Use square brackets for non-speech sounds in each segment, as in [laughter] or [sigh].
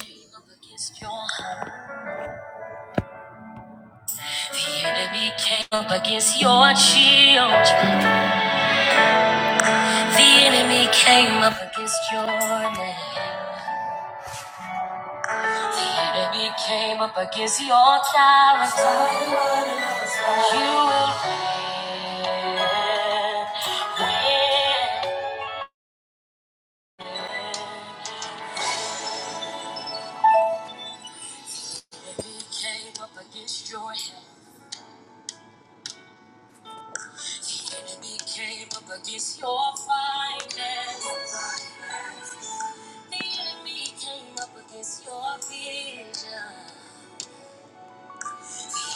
Came up against your home. The enemy came up against your shield. The enemy came up against your name. The enemy came up against your character. You will win. Win. The Enemy came up against your health. The Enemy came up against your finances. The enemy came up against your vision.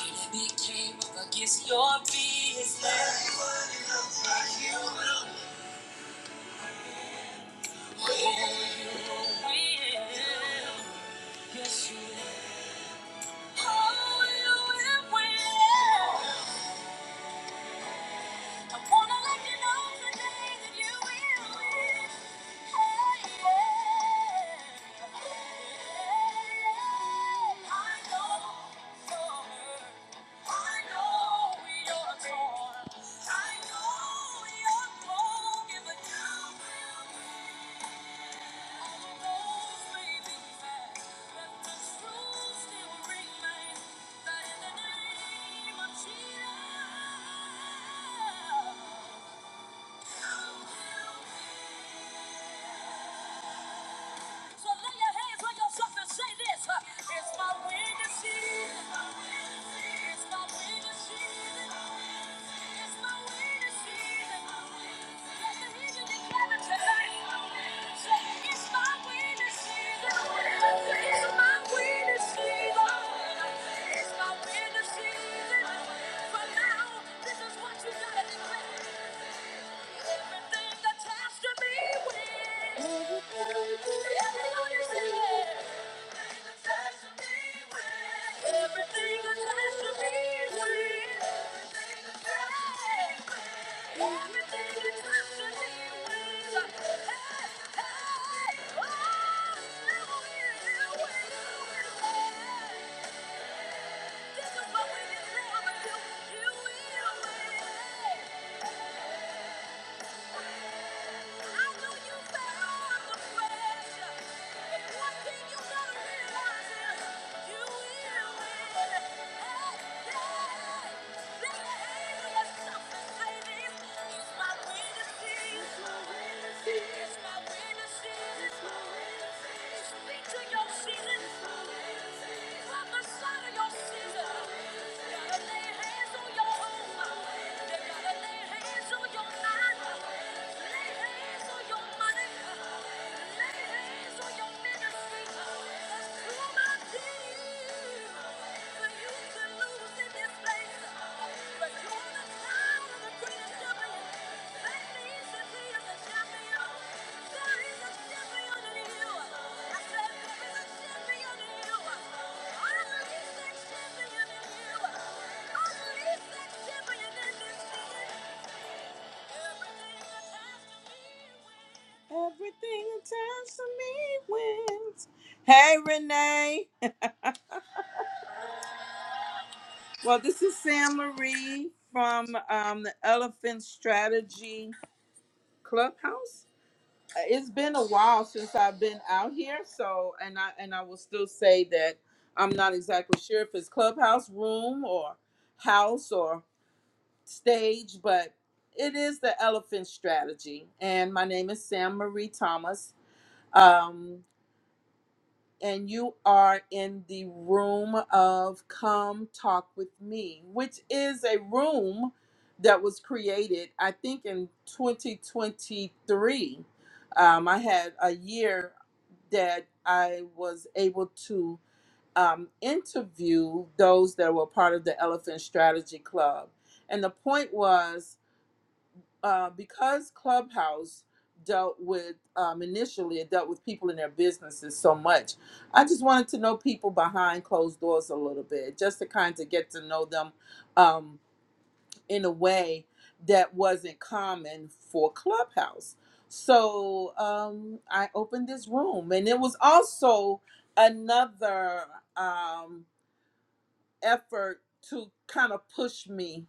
enemy came up against your business. Oh, you will. Yes, you will. Oh, you will win. I wanna let you know today that you will win. Oh, yeah. I know you're hurt. I know you're torn. I know you're broken, but you will. win. Yeah. So lay your hands on yourself and say this. uh, It's my winning season. It's my winning season. It's my winning season. Let the heathen declare it tonight. Say, it's my winning season. It's my winning season. It's my winning season. But now, this is what you gotta declare. Everything attached to me wins. Everything attached to Everything attached to me wins. Everything attached to me wins. Everything attached to me wins. Hey, hey, oh, you you will win. This is what we declare. You will win. Speak to your season. Thank you. Everything attached to me wins. Hey, Renee. [laughs] Well, this is Sam Marie from um, the Elephant Strategy Clubhouse. Uh, It's been a while since I've been out here, so and I and I will still say that I'm not exactly sure if it's clubhouse room or house or stage, but it is the Elephant Strategy, and my name is Sam Marie Thomas. Um, and you are in the room of Come Talk with Me, which is a room that was created, I think, in 2023. Um, I had a year that I was able to um, interview those that were part of the Elephant Strategy Club. And the point was uh, because Clubhouse dealt with um, initially it dealt with people in their businesses so much. I just wanted to know people behind closed doors a little bit, just to kind of get to know them um, in a way that wasn't common for Clubhouse. So um, I opened this room, and it was also another um, effort to kind of push me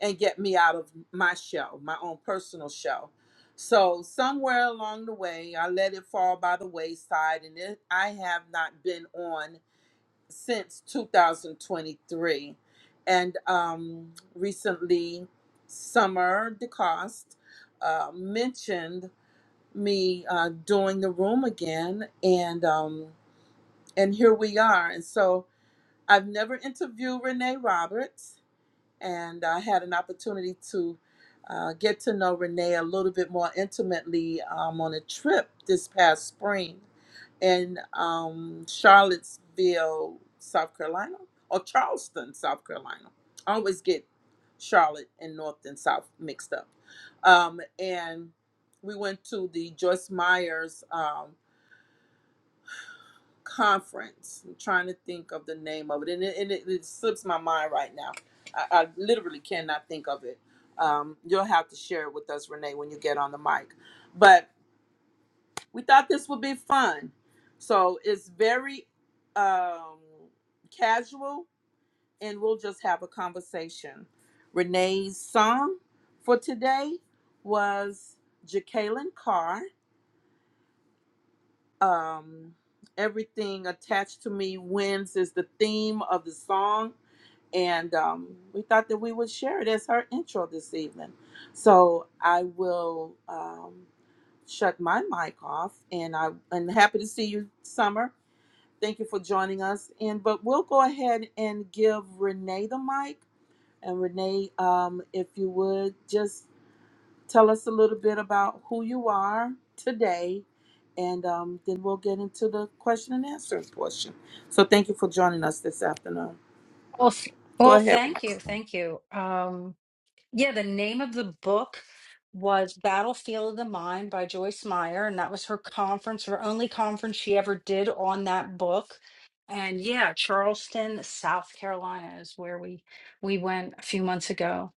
and get me out of my shell, my own personal shell. So somewhere along the way, I let it fall by the wayside, and it, I have not been on since 2023. And um, recently, Summer DeCoste uh, mentioned me uh, doing the room again, and um, and here we are. And so I've never interviewed Renee Roberts and I had an opportunity to uh, get to know Renee a little bit more intimately um, on a trip this past spring in um, Charlottesville, South Carolina, or Charleston, South Carolina. I always get Charlotte and North and South mixed up. Um, and we went to the Joyce Myers. um, conference. I'm trying to think of the name of it, and it, and it, it slips my mind right now. I, I literally cannot think of it. Um, you'll have to share it with us, Renee, when you get on the mic. But we thought this would be fun, so it's very um, casual, and we'll just have a conversation. Renee's song for today was Jacqueline Carr. um, everything attached to me wins is the theme of the song and um, we thought that we would share it as her intro this evening so i will um, shut my mic off and i and happy to see you summer thank you for joining us and but we'll go ahead and give renee the mic and renee um, if you would just Tell us a little bit about who you are today, and um, then we'll get into the question and answer portion. So thank you for joining us this afternoon. Well, th- Go well, ahead, Renee. thank you, thank you. Um, yeah, the name of the book was Battlefield of the Mind by Joyce Meyer, and that was her conference, her only conference she ever did on that book. And yeah, Charleston, South Carolina is where we we went a few months ago.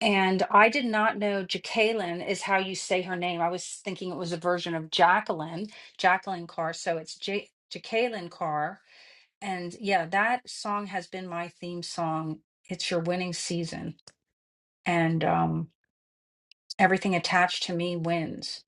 And I did not know Jacqueline is how you say her name. I was thinking it was a version of Jacqueline, Jacqueline Carr. So it's J Jacqueline Carr and yeah, that song has been my theme song. It's your winning season, and um, everything attached to me wins.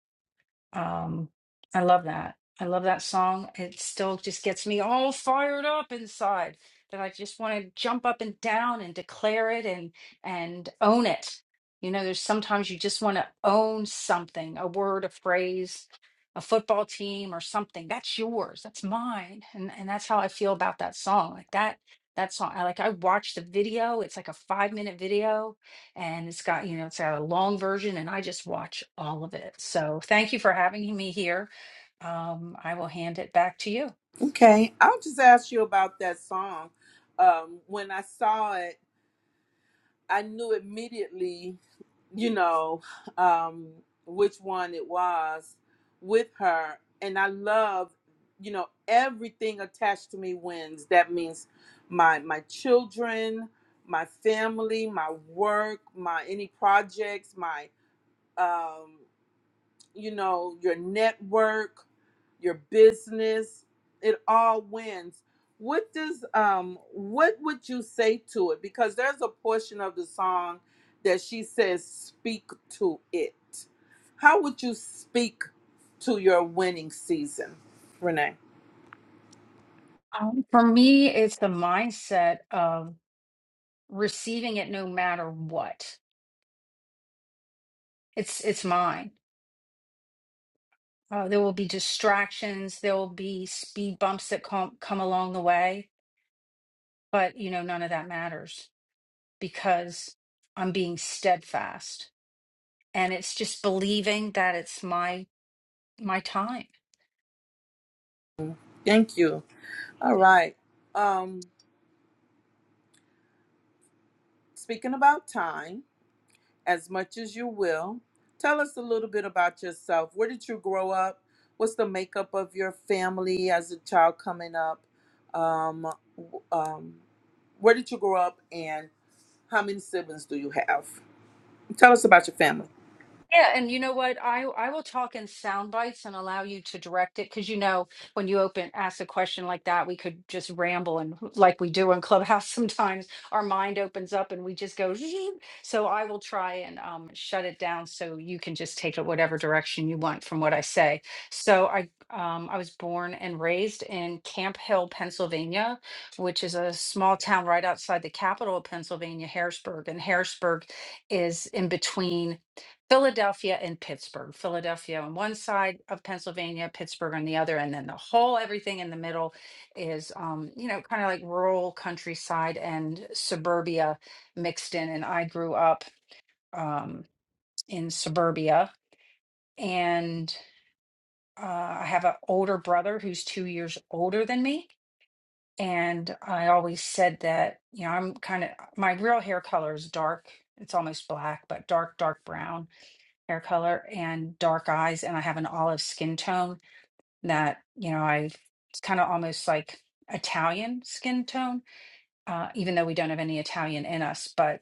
Um, I love that. I love that song. It still just gets me all fired up inside that I just want to jump up and down and declare it and and own it. You know, there's sometimes you just want to own something, a word, a phrase, a football team or something. That's yours. That's mine. And and that's how I feel about that song. Like that that song. I like I watched the video. It's like a 5-minute video and it's got you know it's got a long version and i just watch all of it so thank you for having me here um, i will hand it back to you Okay, I'll just ask you about that song. Um, when I saw it. I knew immediately, you know, um, which one it was with her. And I love, you know, everything attached to me wins. That means my my children, my family, my work, my any projects, my um you know, your network, your business, it all wins. What does um what would you say to it? Because there's a portion of the song that she says speak to it. How would you speak to your winning season, Renee? um, for me it's the mindset of receiving it no matter what it's it's mine uh, there will be distractions there will be speed bumps that come come along the way but you know none of that matters because i'm being steadfast and it's just believing that it's my my time Thank you. All right. Um speaking about time. as much as you will. Tell us a little bit about yourself. Where did you grow up? What's the makeup of your family as a child coming up? Um, w- um, where did you grow up and how many siblings do you have? Tell us about your family. Yeah, and you know what? I I will talk in sound bites and allow you to direct it because you know when you open ask a question like that, we could just ramble and like we do in Clubhouse [laughs] sometimes, our mind opens up and we just go. [laughs] So I will try and um, shut it down so you can just take it whatever direction you want from what I say. So I um, I was born and raised in Camp Hill, Pennsylvania, which is a small town right outside the capital of Pennsylvania, Harrisburg, and Harrisburg is in between. Philadelphia and Pittsburgh. Philadelphia on one side of Pennsylvania, Pittsburgh on the other, and then the whole everything in the middle is, um, you know, kind of like rural countryside and suburbia mixed in. And I grew up um, in suburbia, and uh, I have an older brother who's two years older than me. And I always said that, you know, I'm kind of my real hair color is dark. It's almost black, but dark, dark brown hair color and dark eyes, and I have an olive skin tone that, you know, I it's kind of almost like Italian skin tone, uh, even though we don't have any Italian in us. But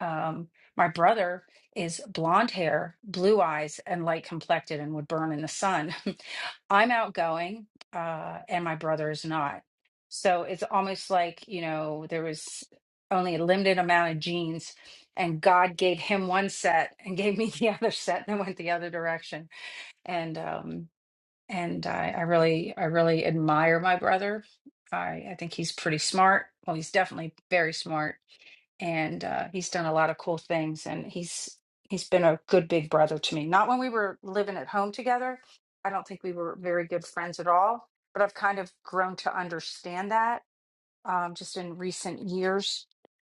um, my brother is blonde hair, blue eyes, and light complected and would burn in the sun. [laughs] I'm outgoing, uh, and my brother is not. So it's almost like, you know, there was only a limited amount of genes, and God gave him one set and gave me [laughs] the other set and I went the other direction. And um, and I, I really I really admire my brother. I I think he's pretty smart. Well, he's definitely very smart, and uh, he's done a lot of cool things. And he's he's been a good big brother to me. Not when we were living at home together. I don't think we were very good friends at all. But I've kind of grown to understand that um, just in recent years.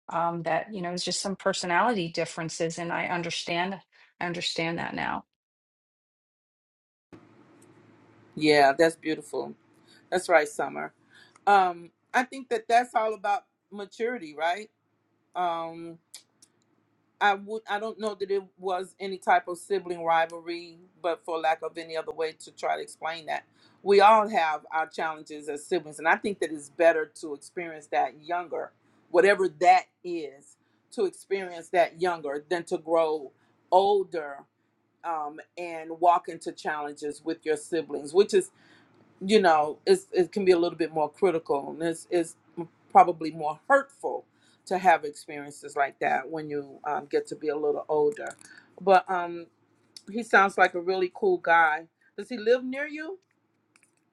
Um, that you know, it's just some personality differences, and I understand. I understand that now Yeah, that's beautiful. That's right, Summer. Um, I think that that's all about maturity, right? Um, I would I don't know that it was any type of sibling rivalry, but for lack of any other way to try to explain that, we all have our challenges as siblings, and I think that it's better to experience that younger, whatever that is, to experience that younger than to grow older um, and walk into challenges with your siblings, which is you know, it's, it can be a little bit more critical and it's, it's probably more hurtful to have experiences like that when you um, get to be a little older. But um, he sounds like a really cool guy. Does he live near you?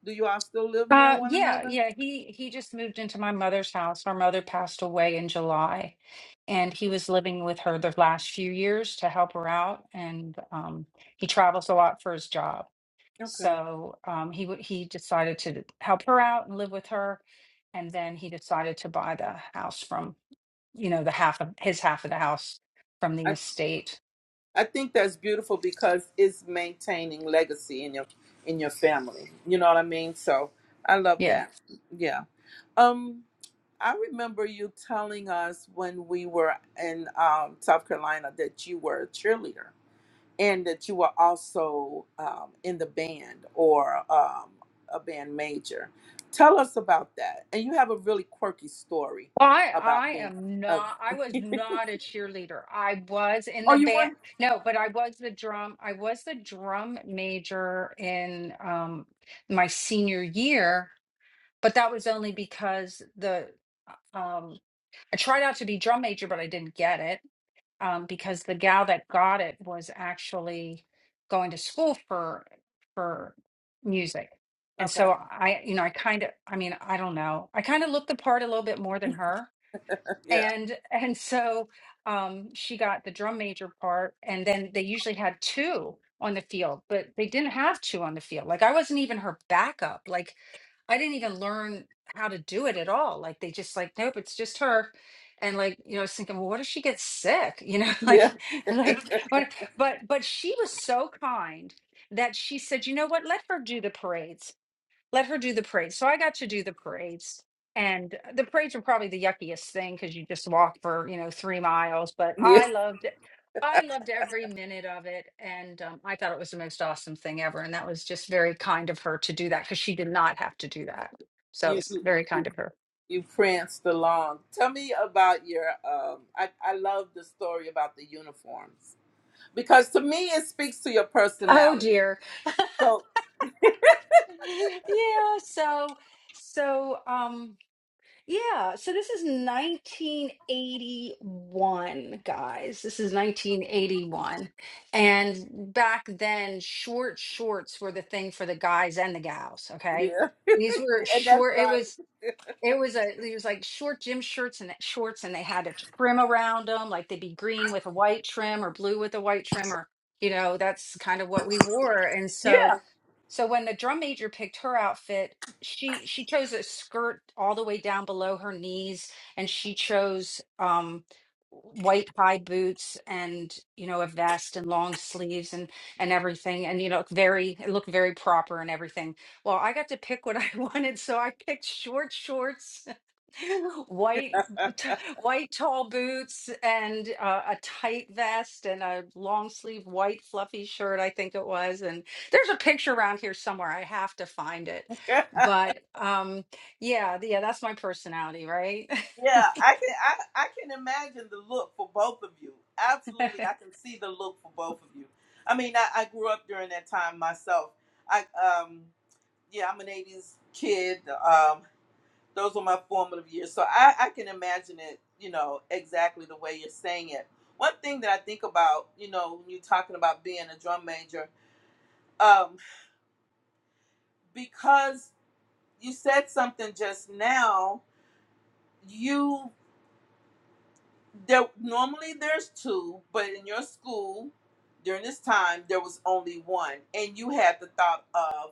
Do you all still live near Uh, one yeah, another? yeah. He he just moved into my mother's house. Our mother passed away in July, and he was living with her the last few years to help her out. And um, he travels a lot for his job, Okay. so um, he w- he decided to help her out and live with her. And then he decided to buy the house from, you know, the half of his half of the house from the I, estate. I think that's beautiful because it's maintaining legacy in your in your family. You know what I mean? So I love Yeah. that. Yeah. Um, I remember you telling us when we were in um, South Carolina that you were a cheerleader and that you were also um, in the band or um, a band major. Tell us about that. And you have a really quirky story Well, I, I about being. am A, not, I was [laughs] not a cheerleader. I was in oh, the you band. weren't? No, but I was the drum, I was the drum major in um, my senior year, but that was only because the, uh, um, I tried out to be drum major, but I didn't get it um, because the gal that got it was actually going to school for, for music. And Okay. so I, you know, I kind of, I mean, I don't know. I kind of looked the part a little bit more than her [laughs] Yeah. and and so um she got the drum major part and then they usually had two on the field but they didn't have two on the field like i wasn't even her backup like i didn't even learn how to do it at all like they just like nope it's just her and like you know I was thinking well what if she gets sick you know [laughs] like Yeah. like what but but she was so kind that she said you know what let her do the parades let her do the parade. So I got to do the parades. And uh, the parades were probably the yuckiest thing because you just walk for, you know, three miles. But Yeah. I loved it. I loved every minute of it. And um, I thought it was the most awesome thing ever. And that was just very kind of her to do that because she did not have to do that. So it You was you, very kind of her. you pranced along. Tell me about your um I, I love the story about the uniforms. Because to me it speaks to your Oh, personality. dear. So [laughs] yeah. So, so, um, Yeah, so this is 1981, guys. This is 1981. And back then, short shorts were the thing for the guys and the gals, okay? yeah. These were And that's short, it right. was it was a it was like short gym shirts and shorts and they had a trim around them, like they'd be green with a white trim or blue with a white trim or you know, that's kind of what we wore. And so Yeah. so when the drum major picked her outfit, she she chose a skirt all the way down below her knees, and she chose um, white high boots and you know a vest and long sleeves and and everything, and you know very it looked very proper and everything. Well, I got to pick what I [laughs] wanted, so I picked short shorts. [laughs] white [laughs] t- white tall boots and uh, a tight vest and a long sleeve white fluffy shirt i think it was there's a picture around here somewhere. I have to find it. yeah. But um yeah, th- yeah, that's my personality, right? I can I, I can imagine the look for both of you. [laughs] Absolutely. I can see the look for both of you. I mean I, I grew up during that time myself. I um yeah, I'm an 80s kid. Um, those were my formative years. So I, I can imagine it, you know, exactly the way you're saying it. One thing that I think about, you know, when you're talking about being a drum major, um, because you said something just now, you there normally there's two, but in your school during this time there was only one, and you had the thought of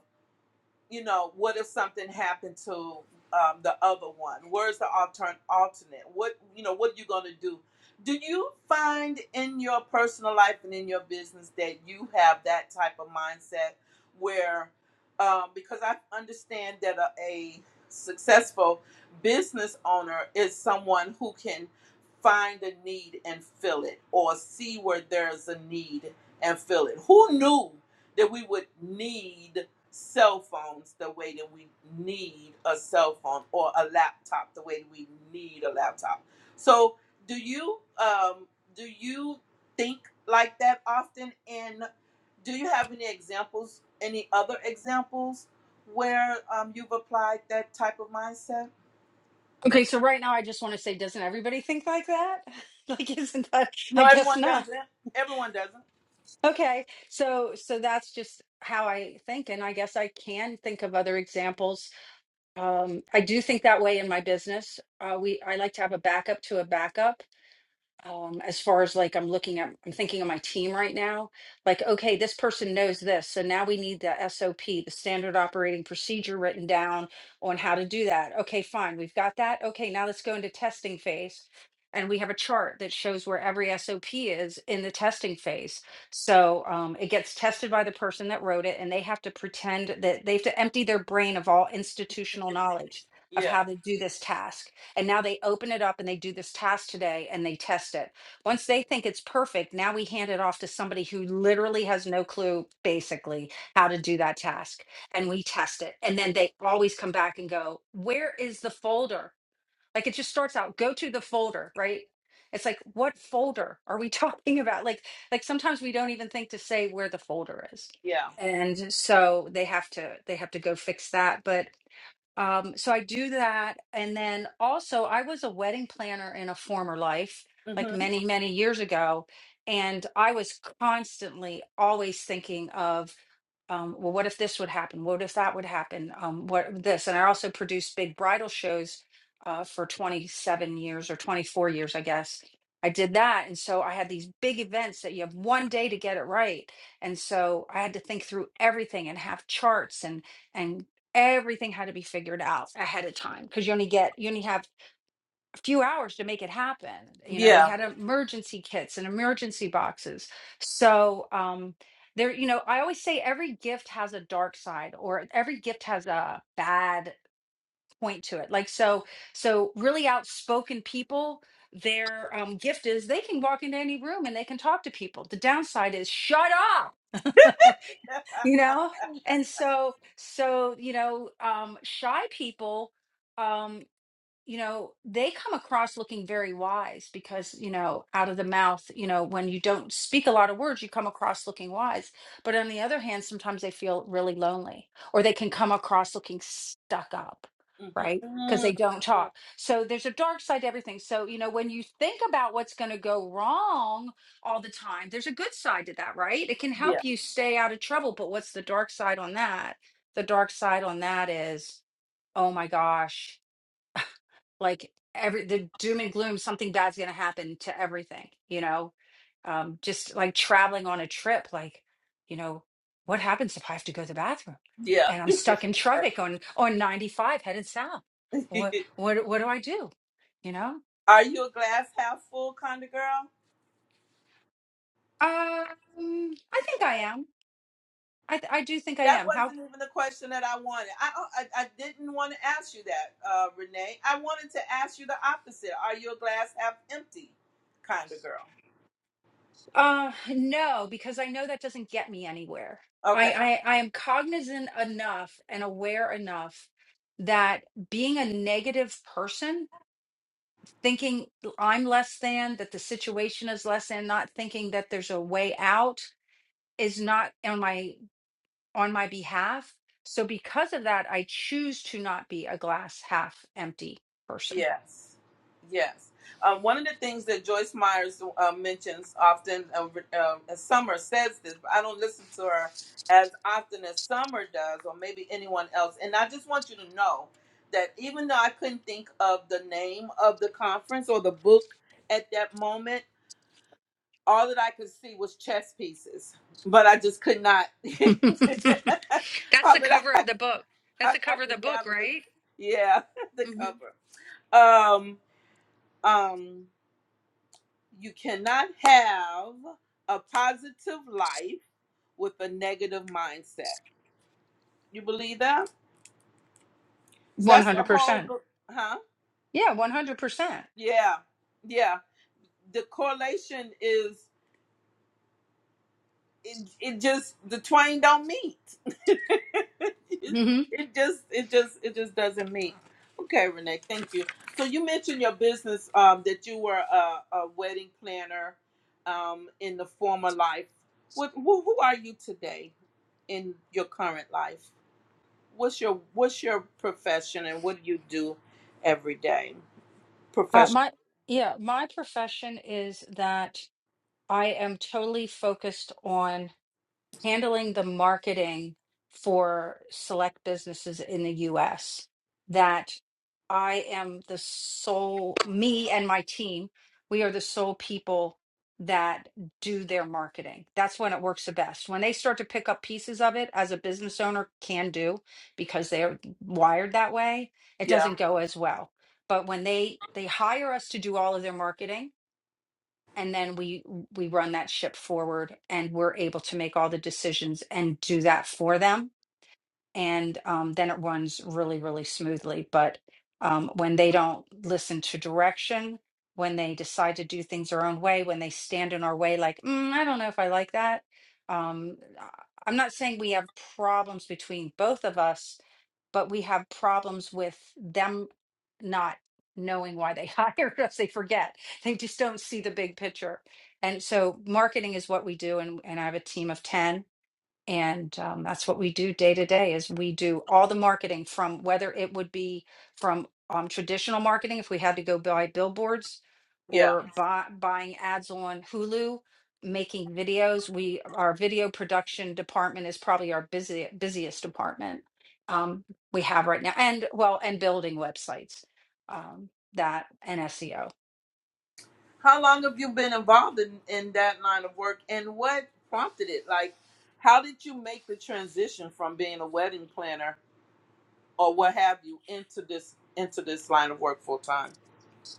you know, what if something happened to um, the other one? Where's the altern- alternate? What, you know, what are you going to do? Do you find in your personal life and in your business that you have that type of mindset where, um, because I understand that a, a successful business owner is someone who can find a need and fill it or see where there's a need and fill it. Who knew that we would need? cell phones the way that we need a cell phone or a laptop the way that we need a laptop. So, do you um do you think like that often and do you have any examples any other examples where um you've applied that type of mindset? okay, so right now I just want to say doesn't everybody think like that? [laughs] like isn't that No, I guess everyone not. doesn't. Everyone doesn't. Okay. So so that's just how I think and I guess I can think of other examples. Um I do think that way in my business. Uh we I like to have a backup to a backup um as far as like i'm looking at i'm thinking of my team right now like okay this person knows this so now we need the sop the standard operating procedure written down on how to do that okay fine we've got that okay now let's go into testing phase and we have a chart that shows where every sop is in the testing phase so um, it gets tested by the person that wrote it and they have to pretend that they have to empty their brain of all institutional knowledge of Yeah. how to do this task and now they open it up and they do this task today and they test it. Once they think it's perfect, now we hand it off to somebody who literally has no clue, basically, how to do that task. And we test it. And then they always come back and go, Where is the folder? Like it just starts out, go to the folder, right? It's like, what folder are we [laughs] talking about? Like, like sometimes we don't even think to say where the folder is. Yeah. And so they have to they have to go fix that. but. Um, so I do that. And then also, I was a wedding planner in a former life, like Mhm. many, many years ago. And I was constantly always thinking of, um, well, what if this would happen? What if that would happen? Um, what this? And I also produced big bridal shows uh, for 27 years or 24 years, I guess. I did that. And so I had these big events that you have one day to get it right. And so I had to think through everything and have charts and, and everything had to be figured out ahead of time because you only get you only have a few hours to make it happen you know we Yeah. had emergency kits and emergency boxes so um there you know i always say every gift has a dark side or every gift has a bad point to it like so so really outspoken people their um, gift is they can walk into any room and they can talk to people the downside is shut up [laughs] [laughs] you know and so so you know um shy people um you know, they come across looking very wise because, you know, out of the mouth, you know, when you don't speak a lot of words, you come across looking wise. But on the other hand, sometimes they feel really lonely or they can come across looking stuck up, mhm. right? Because Mm, they don't mm, talk. So there's a dark side to everything. So, you know, when you think about what's going to go wrong all the time, there's a good side to that, right? It can Yeah. help you stay out of trouble. But what's the dark side on that? The dark side on that is, oh my gosh like every the doom and gloom something bad's going to happen to everything you know um just like traveling on a trip like you know what happens if i have to go to the bathroom and i'm stuck in traffic on on 95 headed south Yeah. [laughs] what what what do i do you know Are you a glass half full kind of girl? um i think i am i th- i do think i That am How? wasn't even the question that I wanted. I oh, I, I didn't want to ask you that, uh, Renee. I wanted to ask you the opposite. Are you a glass half empty kind of girl? Uh, no, because I know that doesn't get me anywhere. Okay. I, I, I am cognizant enough and aware enough that being a negative person, thinking I'm less than, that the situation is less than, not thinking that there's a way out is not on my on my behalf. So because of that, I choose to not be a glass half empty person. Yes, yes. Um, one of the things that Joyce Myers uh, mentions often, uh, uh, as Summer says this, but I don't listen to her as often as Summer does, or maybe anyone else. And I just want you to know that even though I couldn't think of the name of the conference or the book at that moment, all that I could see was chess pieces. But I just could not. [laughs] [laughs] That's all the that cover of I, the book. That's I, the I cover of the could book, gather was, right? yeah, [laughs] the hmm cover. Um, um you cannot have a positive life with a negative mindset. You believe that? So that's the whole, 100%. go- huh? Yeah, 100%. Yeah, yeah. The correlation is it, it just the twain don't meet. [laughs] it hmm it just it just it just doesn't meet. Okay, Renee, thank you. So you mentioned your business um, that you were a, a wedding planner um, in the former life. What who, who are you today in your current life? What's your what's your profession and what do you do every day? Uh, Profession. my yeah, my profession is that I am totally focused on handling the marketing for select businesses in the US that I am the sole, me and my team, we are the sole people that do their marketing. That's when it works the best. When they start to pick up pieces of it as a business owner can do because they're wired that way, it Yeah, doesn't go as well. But when they they hire us to do all of their marketing, and then we we run that ship forward and we're able to make all the decisions and do that for them and um, then it runs really really smoothly but um, when they don't listen to direction when they decide to do things their own way when they stand in our way like mm, i don't know if i like that um, I- i'm not saying we have problems between both of us but we have problems with them not knowing why they [laughs] hired us. They forget. They just don't see the big picture. And so marketing is what we do. And, and I have a team of 10 and um, that's what we do day to day is we do all the marketing from whether it would be from um, traditional marketing if we had to go buy billboards yeah. or buy, buying ads on hulu making videos we our video production department is probably our busy, busiest department um, we have right now and well and building websites um, that and seo How long have you been involved in, in that line of work and what prompted it? Like, how did you make the transition from being a wedding planner or what have you into this into this line of work full time.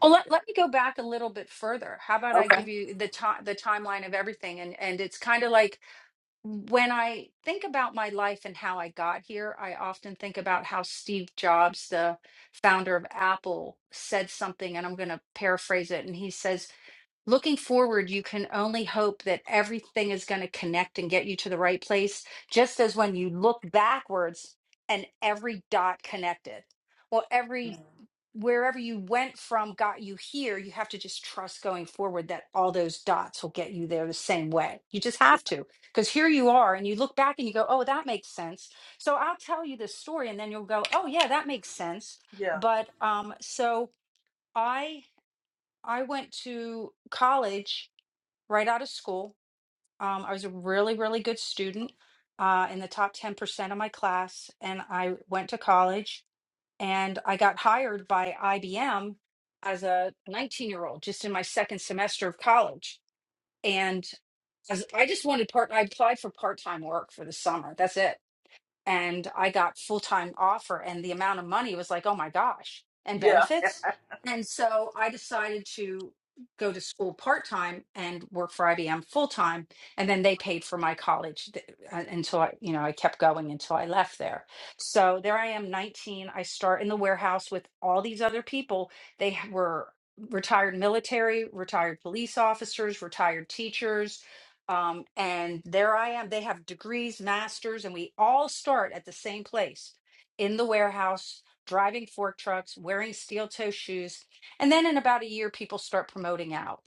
well let, let me go back a little bit further how about i Okay. give you the time the timeline of everything and and it's kind of like when I think about my life and how I got here, I often think about how Steve Jobs, the founder of Apple, said something, and I'm going to paraphrase it. And he says, Looking forward, you can only hope that everything is going to connect and get you to the right place, just as when you look backwards and every dot connected. Well, every Mhm. wherever you went from got you here, you have to just trust going forward that all those dots will get you there the same way. You just have to, because here you are, and you look back and you go, oh, that makes sense. So I'll tell you this story, and then you'll go, oh, yeah, that makes sense. Yeah. But um, so I I went to college right out of school. Um, I was a really really good student uh, in the top ten percent of my class, and I went to college and I got hired by IBM as a 19 year old, just in my second semester of college. And as, I just wanted part, I applied for part time work for the summer. That's it and I got full time offer, and the amount of money was like, oh my gosh, and Yeah. benefits. And so I decided to go to school part time and work for IBM full time, and then they paid for my college th- uh, until I, you know, I kept going until I left there. So there I am, 19. I start in the warehouse with all these other people. They h- were retired military, retired police officers, retired teachers um, and there I am. They have degrees, masters, and we all start at the same place in the warehouse, driving fork trucks, wearing steel toe shoes. And then in about a year, people start promoting out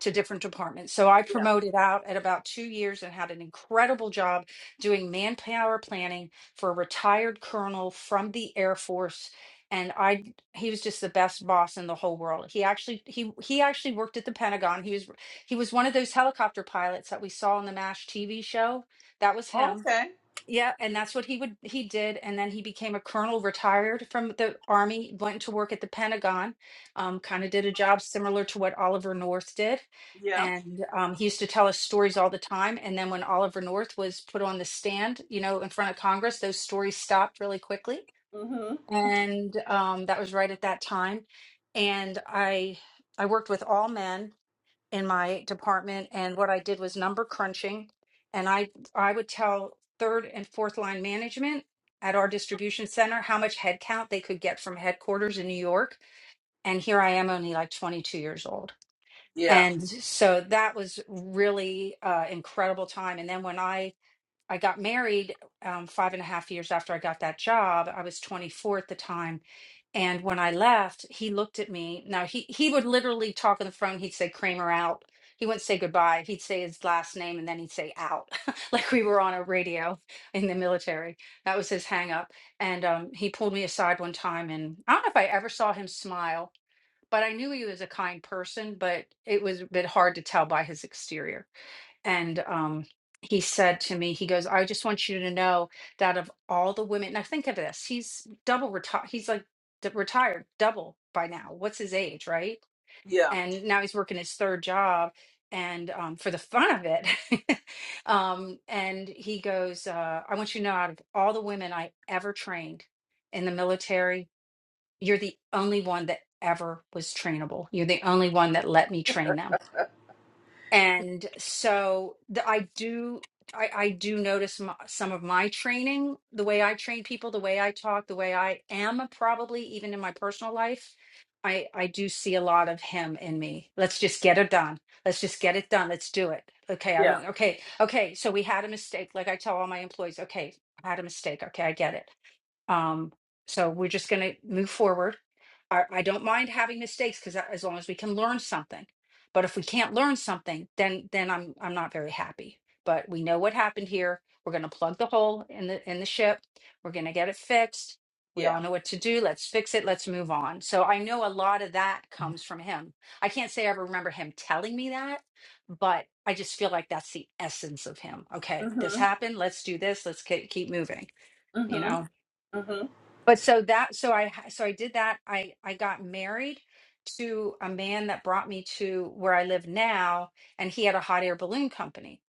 to different departments. So I Yeah. promoted out at about two years and had an incredible job doing manpower planning for a retired colonel from the Air Force. And I, he was just the best boss in the whole world. He actually, he he actually worked at the Pentagon. He was he was one of those helicopter pilots that we saw on the MASH TV show. That was him Okay. yeah, and that's what he would he did, and then he became a colonel, retired from the army, went to work at the Pentagon, um, kind of did a job similar to what Oliver North did. Yeah. And um, he used to tell us stories all the time. And then when Oliver North was put on the stand, you know, in front of Congress, those stories stopped really quickly. Mhm. And um, that was right at that time. And I I worked with all men in my department and what I did was number crunching and I I would tell third and fourth line management at our distribution center how much headcount they could get from headquarters in New York and here I am only like 22 years old Yeah. and so that was really uh incredible time and then when I I got married um, five and a half years after I got that job. I was 24 at the time. And when I left, he looked at me. Now, he, he would literally talk on the phone. He'd say, Kramer out. He wouldn't say goodbye. He'd say his last name and then he'd say out, [laughs] like we were on a radio in the military. That was his hang up. And um, he pulled me aside one time. And I don't know if I ever saw him smile, but I knew he was a kind person, but it was a bit hard to tell by his exterior and um he said to me he goes i just want you to know that of all the women now think of this he's double retired he's like d- retired double by now what's his age right Yeah. and now he's working his third job and um, for the fun of it [laughs] um, and he goes uh, i want you to know out of all the women i ever trained in the military you're the only one that ever was trainable you're the only one that let me train them and so the, i do I, I do notice m some of my training the way i train people the way i talk the way i am probably even in my personal life i i do see a lot of him in me let's just get it done let's just get it done let's do it okay i Yeah. don't okay okay so we had a mistake like i tell all my employees okay i had a mistake okay i get it um, so we're just going to move forward. I, I don't mind having mistakes because as long as we can learn something. But if we can't learn something, then then I'm I'm not very happy. But we know what happened here. We're going to plug the hole in the in the ship. We're going to get it fixed. We Yeah. all know what to do. Let's fix it. Let's move on. So I know a lot of that comes from him. I can't say I remember him telling me that, but I just feel like that's the essence of him. Okay, this Mhm. happened. Let's do this. Let's ke- keep moving. You Mhm. know Mhm. but so that so i ha- so i did that i i got married to a man that brought me to where i live now and he had a hot air balloon company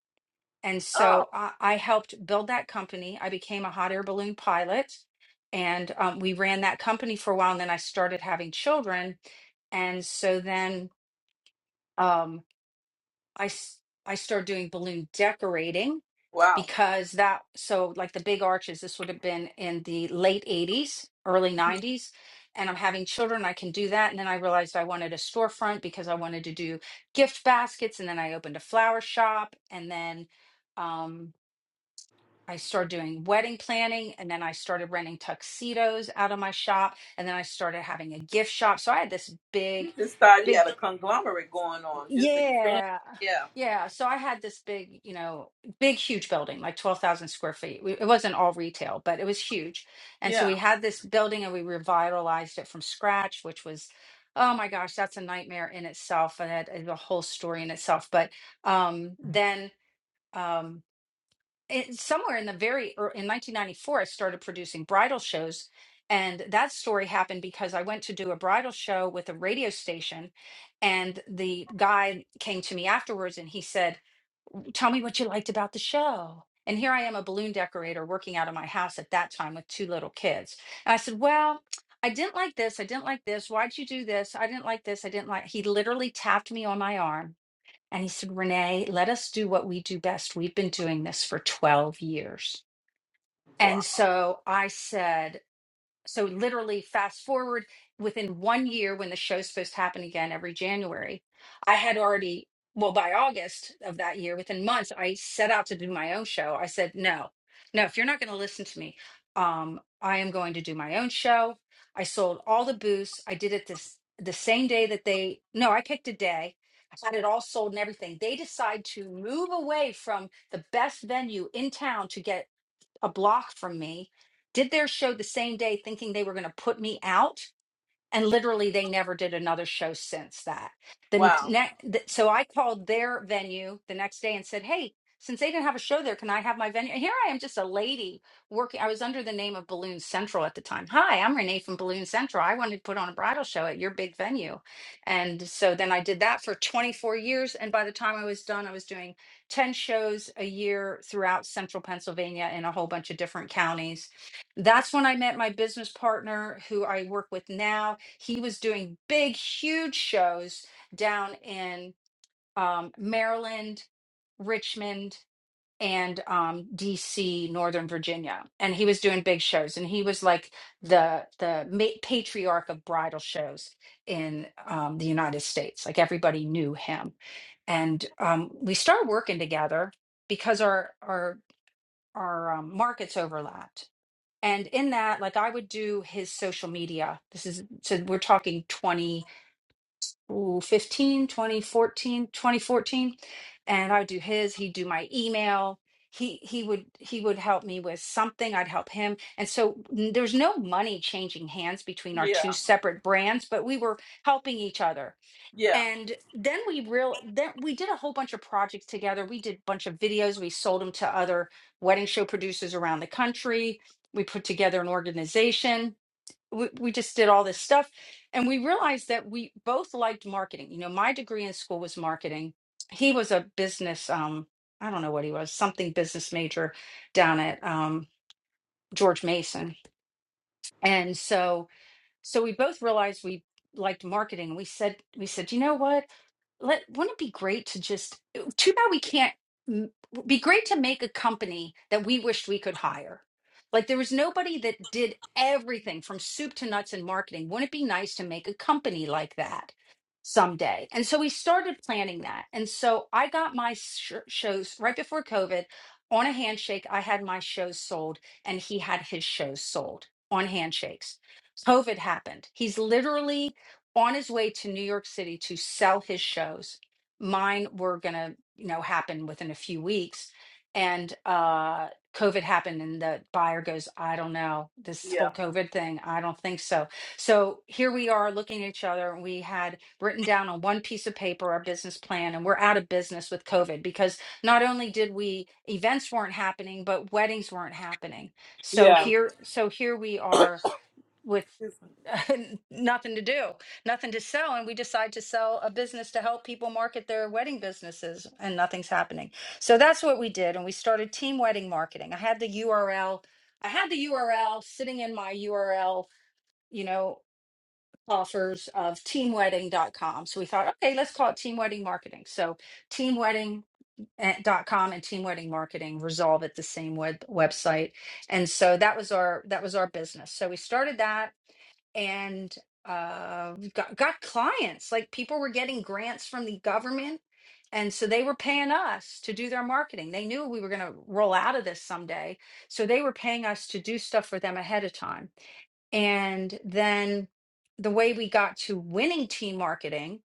and Oh, so i, I helped build that company i became a hot air balloon pilot and um, we ran that company for a while and then i started having children and so then Um, I s- I started doing balloon decorating wow. because that so like the big arches this would have been in the late 80s early Mhm. 90s and I'm having children I can do that and then I realized I wanted a storefront because I wanted to do gift baskets and then I opened a flower shop and then um I started doing wedding planning and then I started renting tuxedos out of my shop and then I started having a gift shop so I had this You big just thought you big had a conglomerate going on. Just expand. yeah. Yeah. Yeah. So I had this big, you know, big, huge building, like 12,000 square feet. We, it wasn't all retail, but it was huge. And so we Yeah. had this building and we revitalized it from scratch, which was, oh my gosh, that's a nightmare in itself. And that is a whole story in itself. But um, then. Um, it, somewhere in the very ear- in 1994 i started producing bridal shows and that story happened because i went to do a bridal show with a radio station and the guy came to me afterwards and he said tell me what you liked about the show and here i am a balloon decorator working out of my house at that time with two little kids and i said well I didn't like this. I didn't like this. Why'd you do this? I didn't like this. I didn't like. He literally tapped me on my arm and he said, Renee, let us do what we do best. We've been doing this for 12 years. Wow. And so I said, so literally fast forward within one year when the show's supposed to happen again every January, I had already, well, by August of that year, within months, I set out to do my own show. I said, no, no, if you're not going to listen to me, um, I am going to do my own show. I sold all the booths. I did it this the same day that they no, I picked a day. I had it all sold and everything. They decide to move away from the best venue in town to get a block from me, did their show the same day thinking they were going to put me out and literally they never did another show since that the Wow. next so i called their venue the next day and said hey since they didn't have a show there can i have my venue and here i am just a lady working i was under the name of balloon central at the time hi i'm renee from balloon central i wanted to put on a bridal show at your big venue and so then i did that for 24 years and by the time i was done i was doing 10 shows a year throughout central pennsylvania in a whole bunch of different counties that's when I met my business partner who I work with now. He was doing big, huge shows down in um, Maryland, Richmond, and um, DC, Northern Virginia. And he was doing big shows. And he was like the the ma- patriarch of bridal shows in um, the United States. Like everybody knew him. And um, we started working together because our our our um, markets overlapped and in that, like I would do his social media. This is, so we're talking twenty fifteen, twenty fourteen, twenty fourteen, And I would do his, he'd do my email. He, he would he would help me with something i'd help him and so n- there's no money changing hands between our Yeah. two separate brands but we were helping each other Yeah. and then we real then we did a whole bunch of projects together we did a bunch of videos we sold them to other wedding show producers around the country we put together an organization we, we just did all this stuff and we realized that we both liked marketing you know my degree in school was marketing he was a business um i don't know what he was something business major down at um george mason and so so we both realized we liked marketing. We said, we said, you know what? Let wouldn't it be great to just? Too bad we can't. m- Be great to make a company that we wished we could hire. Like there was nobody that did everything from soup to nuts in marketing. Wouldn't it be nice to make a company like that someday? And so we started planning that. And so I got my sh- shows right before COVID on a handshake. I had my shows sold, and he had his shows sold on handshakes. COVID happened. He's literally on his way to New York City to sell his shows. Mine were gonna, you know, happen within a few weeks. And uh COVID happened and the buyer goes, I don't know, this whole COVID thing, I don't think so. So here we are looking at each other. and We had written down on one piece of paper our business plan, and we're out of business with COVID because not only did we events weren't happening, but weddings weren't happening. So Yeah. here, so here we are with Yeah. [laughs] nothing to do, nothing to sell. And we decide to sell a business to help people market their wedding businesses, and nothing's happening. So that's what we did. And we started team wedding marketing. I had the URL, I had the URL sitting in my URL, you know, offers of team wedding dot com. So we thought, okay, let's call it team wedding marketing. So team wedding eh, dot com and team wedding marketing resolve at the same web website. And so that was our that was our business. So we started that and uh, got, got clients. Like people were getting grants from the government. And so they were paying us to do their marketing. They knew we were going to roll out of this someday. So they were paying us to do stuff for them ahead of time. And then the way we got to winning team marketing,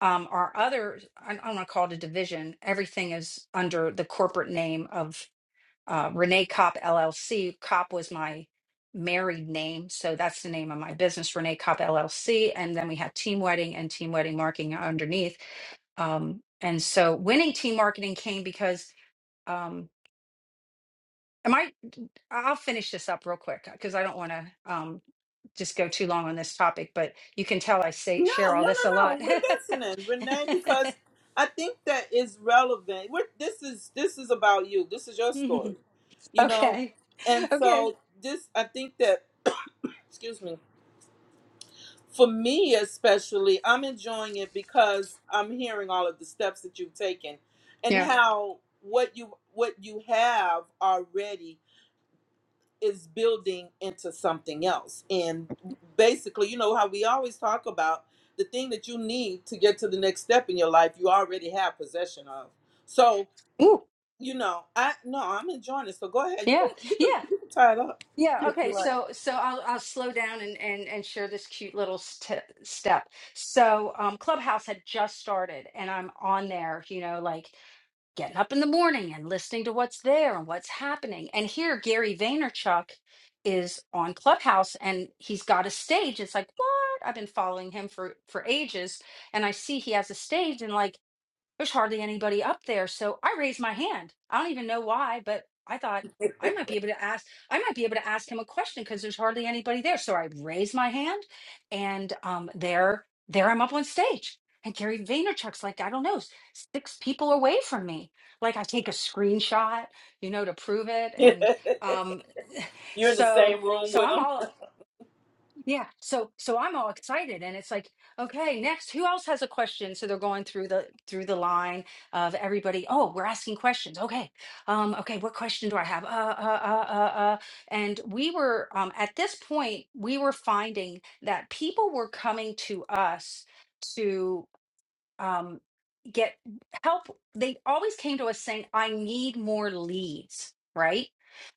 um, our other, I, I want to call it a division, everything is under the corporate name of uh, Renee Kopp LLC. Kopp was my married name, so that's the name of my business, Renee Kopp LLC. And then we had Team Wedding and Team Wedding Marketing underneath. Um, and so winning team marketing came because um, am I? I'll finish this up real quick because I don't want to um, just go too long on this topic. But you can tell I say No, share no, all this a no, no. lot. [laughs] We're listening, Renee, because I think that is relevant. We're, this is this is about you. This is your story, you know. okay, And okay, so this, I think that, excuse me, for me especially, I'm enjoying it because I'm hearing all of the steps that you've taken and yeah, how what you what you have already is building into something else. And basically, you know how we always talk about the thing that you need to get to the next step in your life, you already have possession of. So, ooh, you know, I no, I'm enjoying it. So go ahead. You yeah, can you can, yeah. you can tie it up. Yeah, okay. So so I'll I'll slow down and and and share this cute little st step. So um Clubhouse had just started and I'm on there, you know, like getting up in the morning and listening to what's there and what's happening. And here Gary Vaynerchuk is on Clubhouse and he's got a stage. It's like, "What?" I've been following him for for ages and I see he has a stage and like there's hardly anybody up there. So I raised my hand. I don't even know why, but I thought I might be able to ask, I might be able to ask him a question because there's hardly anybody there. So I raised my hand and um, there, there I'm up on stage. And Gary Vaynerchuk's like, I don't know, s- six people away from me. Like I take a screenshot, you know, to prove it. And [laughs] um, You're in the so, same room so with I'm them. all yeah. So so I'm all excited and it's like, okay, next, who else has a question? So they're going through the through the line of everybody, oh, we're asking questions. Okay. Um okay, what question do I have? Uh uh uh uh uh and we were um at this point we were finding that people were coming to us um, get help. They always came to us saying, I need more leads, right?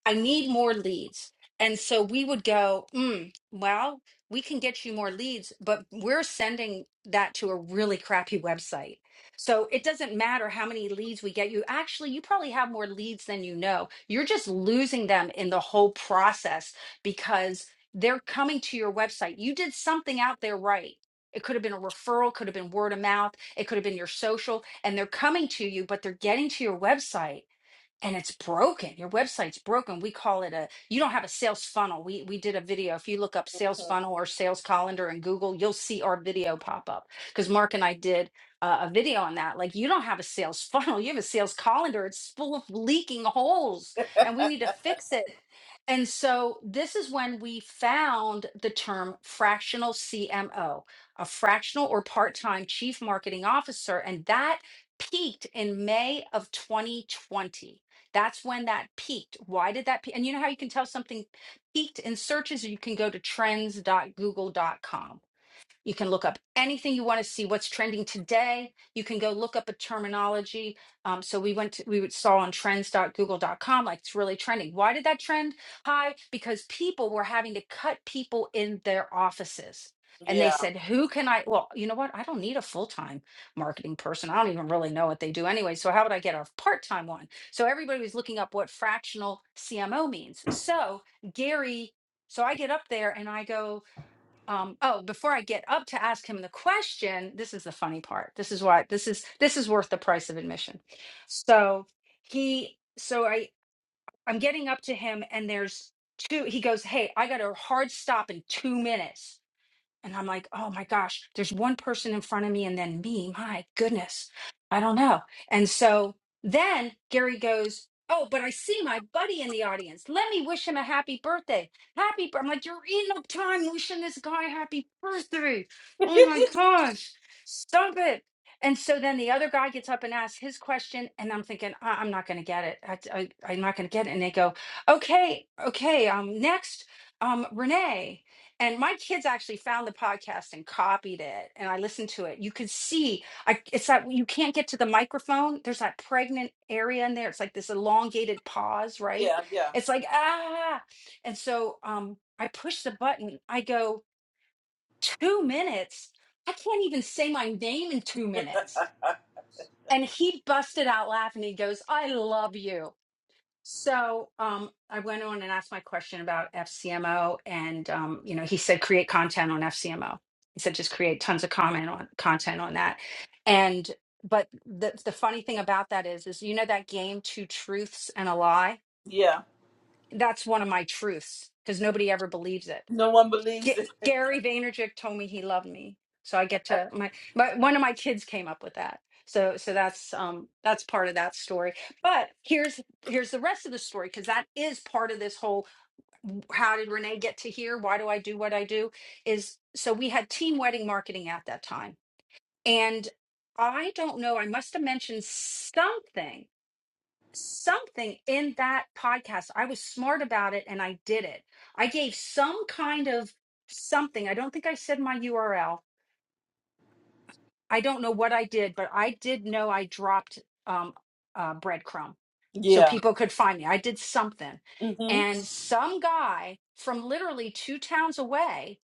I need more leads. And so we would go, mm, well, we can get you more leads, but we're sending that to a really crappy website. So it doesn't matter how many leads we get you. Actually, you probably have more leads than you know. You're just losing them in the whole process because they're coming to your website. You did something out there right it could have been a referral, could have been word of mouth, it could have been your social, and they're coming to you, but they're getting to your website and it's broken. Your website's broken. We call it a you don't have a sales funnel. We we did a video. If you look up sales funnel or sales calendar in Google, you'll see our video pop up because Mark and I did uh, a video on that. Like you don't have a sales [laughs] funnel. You have a sales calendar. It's full of leaking holes, and we need to fix it. And so this is when we found the term fractional CMO, a fractional or part-time chief marketing officer, and that peaked in May of 2020 that's when that peaked. Why did that peak? And you know how you can tell something peaked in searches? You can go to trends.google.com you can look up anything you want to see what's trending today. You can go look up a terminology. Um, so we went to, we saw on trends.google.com like it's really trending. Why did that trend high? Because people were having to cut people in their offices. And they Yeah. said, who can I? Well, you know what? I don't need a full time marketing person. I don't even really know what they do anyway. So, how would I get a part time one? So, everybody was looking up what fractional CMO means. So, Gary, so I get up there and I go, um oh before i get up to ask him the question this is the funny part this is why this is this is worth the price of admission so he so i i'm getting up to him and there's two he goes hey i got a hard stop in two minutes and I'm like, oh my gosh, there's one person in front of me and then me. My goodness, I don't know. And so then Gary goes, oh, but I see my buddy in the audience. Let me wish him a happy birthday. Happy birthday. I'm like, you're eating up time wishing this guy happy birthday. [laughs] Oh my gosh, stop it. And so then the other guy gets up and asks his question, and I'm thinking, I- I'm not going to get it. I- I- I'm not going to get it. And they go, okay, okay, um, next, um, Renee and my kids actually found the podcast and copied it and i listened to it you could see I, it's that you can't get to the microphone there's that pregnant area in there it's like this elongated pause right yeah, yeah, it's like ah and so um i push the button i go two minutes i can't even say my name in two minutes and he busted out laughing he goes i love you so um, I went on and asked my question about FCMO, and um, you know, he said create content on FCMO. He said just create tons of comment on content on that. And but the the funny thing about that is, is you know that game two truths and a lie. yeah. That's one of my truths because nobody ever believes it. No one G- believes it. [laughs] Gary Vaynerchuk told me he loved me, so I get to my, my one of my kids came up with that. So so that's um that's part of that story. But here's here's the rest of the story because that is part of this whole how did Renee get to here? Why do I do what I do? Is so we had team wedding marketing at that time, and I don't know. I must have mentioned something something in that podcast. I was smart about it and I did it. I gave some kind of something. I don't think I said my URL. I don't know what I did, but I did know I dropped um, uh, breadcrumb so Yeah. people could find me. I did something. Mhm. And some guy from literally two towns away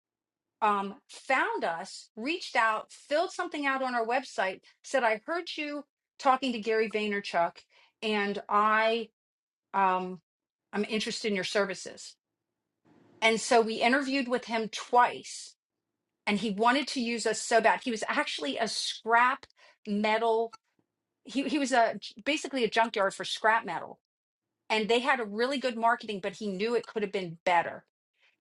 um, found us, reached out, filled something out on our website, said, I heard you talking to Gary Vaynerchuk and I um, I'm interested in your services. And so we interviewed with him twice, and he wanted to use us so bad. He was actually a scrap metal. He he was a basically a junkyard for scrap metal, and they had a really good marketing, but he knew it could have been better.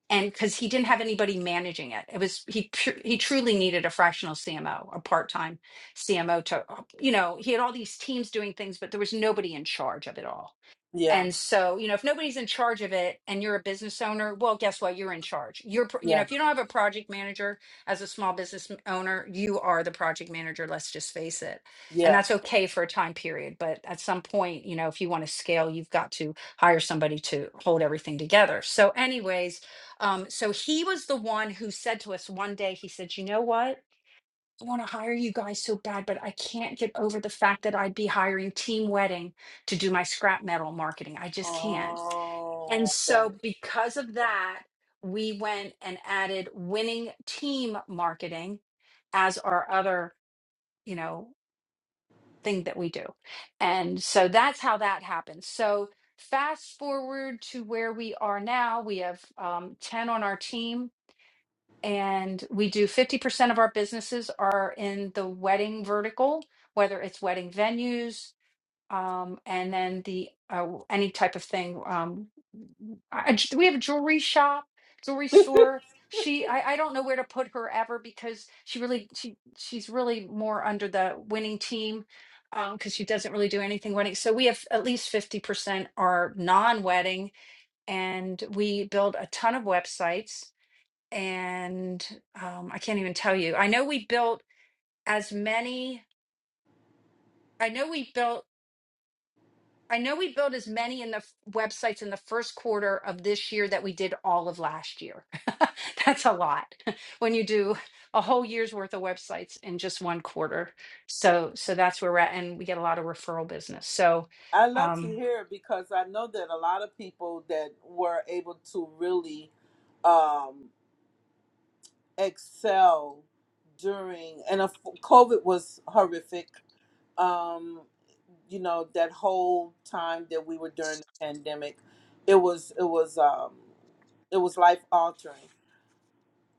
And because he didn't have anybody managing it, it was he tru- he truly needed a fractional CMO, a part time CMO to you know he had all these teams doing things, but there was nobody in charge of it all. Yeah. And so, you know, if nobody's in charge of it and you're a business owner, well, guess what? You're in charge. You're, pr- you know, Yeah. if you don't have a project manager as a small business m- owner, you are the project manager. Let's just face it. And Yeah. that's okay for a time period. But at some point, you know, if you want to scale, you've got to hire somebody to hold everything together. So, anyways, um, so he was the one who said to us one day, he said, you know what? I want to hire you guys so bad, but I can't get over the fact that I'd be hiring Team Wedding to do my scrap metal marketing. I just can't. And Oh. okay. so, because of that, we went and added winning team marketing as our other, you know, thing that we do. And so that's how that happened. So, fast forward to where we are now, we have um, 10 on our team and we do 50% of our businesses are in the wedding vertical whether it's wedding venues um, and then the uh, any type of thing um, I, I j- we have a jewelry shop jewelry store she I, I don't know where to put her ever because she really she she's really more under the winning team um, because she doesn't really do anything wedding so we have at least 50% are non-wedding and we build a ton of websites and um, I can't even tell you. I know we built as many. I know we built. I know we built as many in the f- websites in the first quarter of this year that we did all of last year. [laughs] That's a lot [laughs] when you do a whole year's worth of websites in just one quarter. So so that's where we're at, and we get a lot of referral business. So I love to um, hear it because I know that a lot of people that were able to really um, excel during and of COVID was horrific. Um, you know that whole time that we were during the pandemic, it was it was um, it was life altering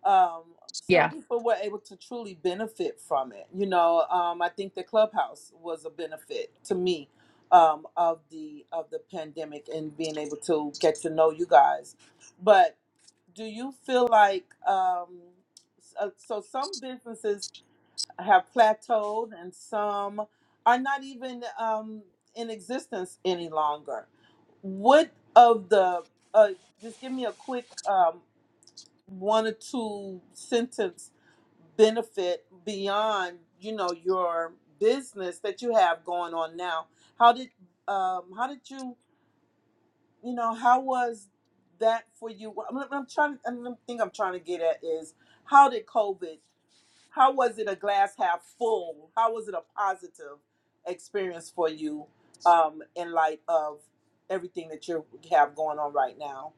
um, yeah, some people were able to truly benefit from it. You know, um, I think the clubhouse was a benefit to me um, of the of the pandemic and being able to get to know you guys. But do you feel like um, so, so some businesses have plateaued and some are not even um, in existence any longer? What of the uh, just give me a quick um, one or two sentence benefit beyond you know your business that you have going on now how did um how did you you know how was that for you Well, i'm, I'm trying i the thing i'm trying to get at is how did covid how was it a glass half full how was it a positive experience for you um in light of everything that you have going on right now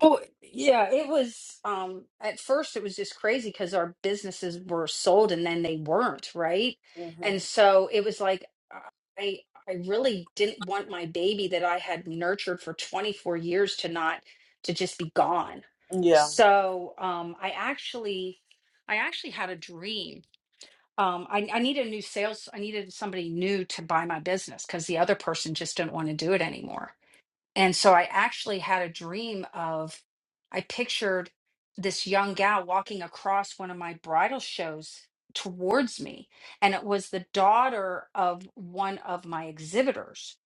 Well, yeah, it was um at first it was just crazy because our businesses were sold and then they weren't, right? hmm And so it was like uh, I I really didn't want my baby that I had nurtured for 24 years to not to just be gone. yeah So um I actually I actually had a dream. Um I, I needed a new sales, I needed somebody new to buy my business because the other person just didn't want to do it anymore. And so I actually had a dream of, I pictured this young gal walking across one of my bridal shows towards me. And it was the daughter of one of my exhibitors.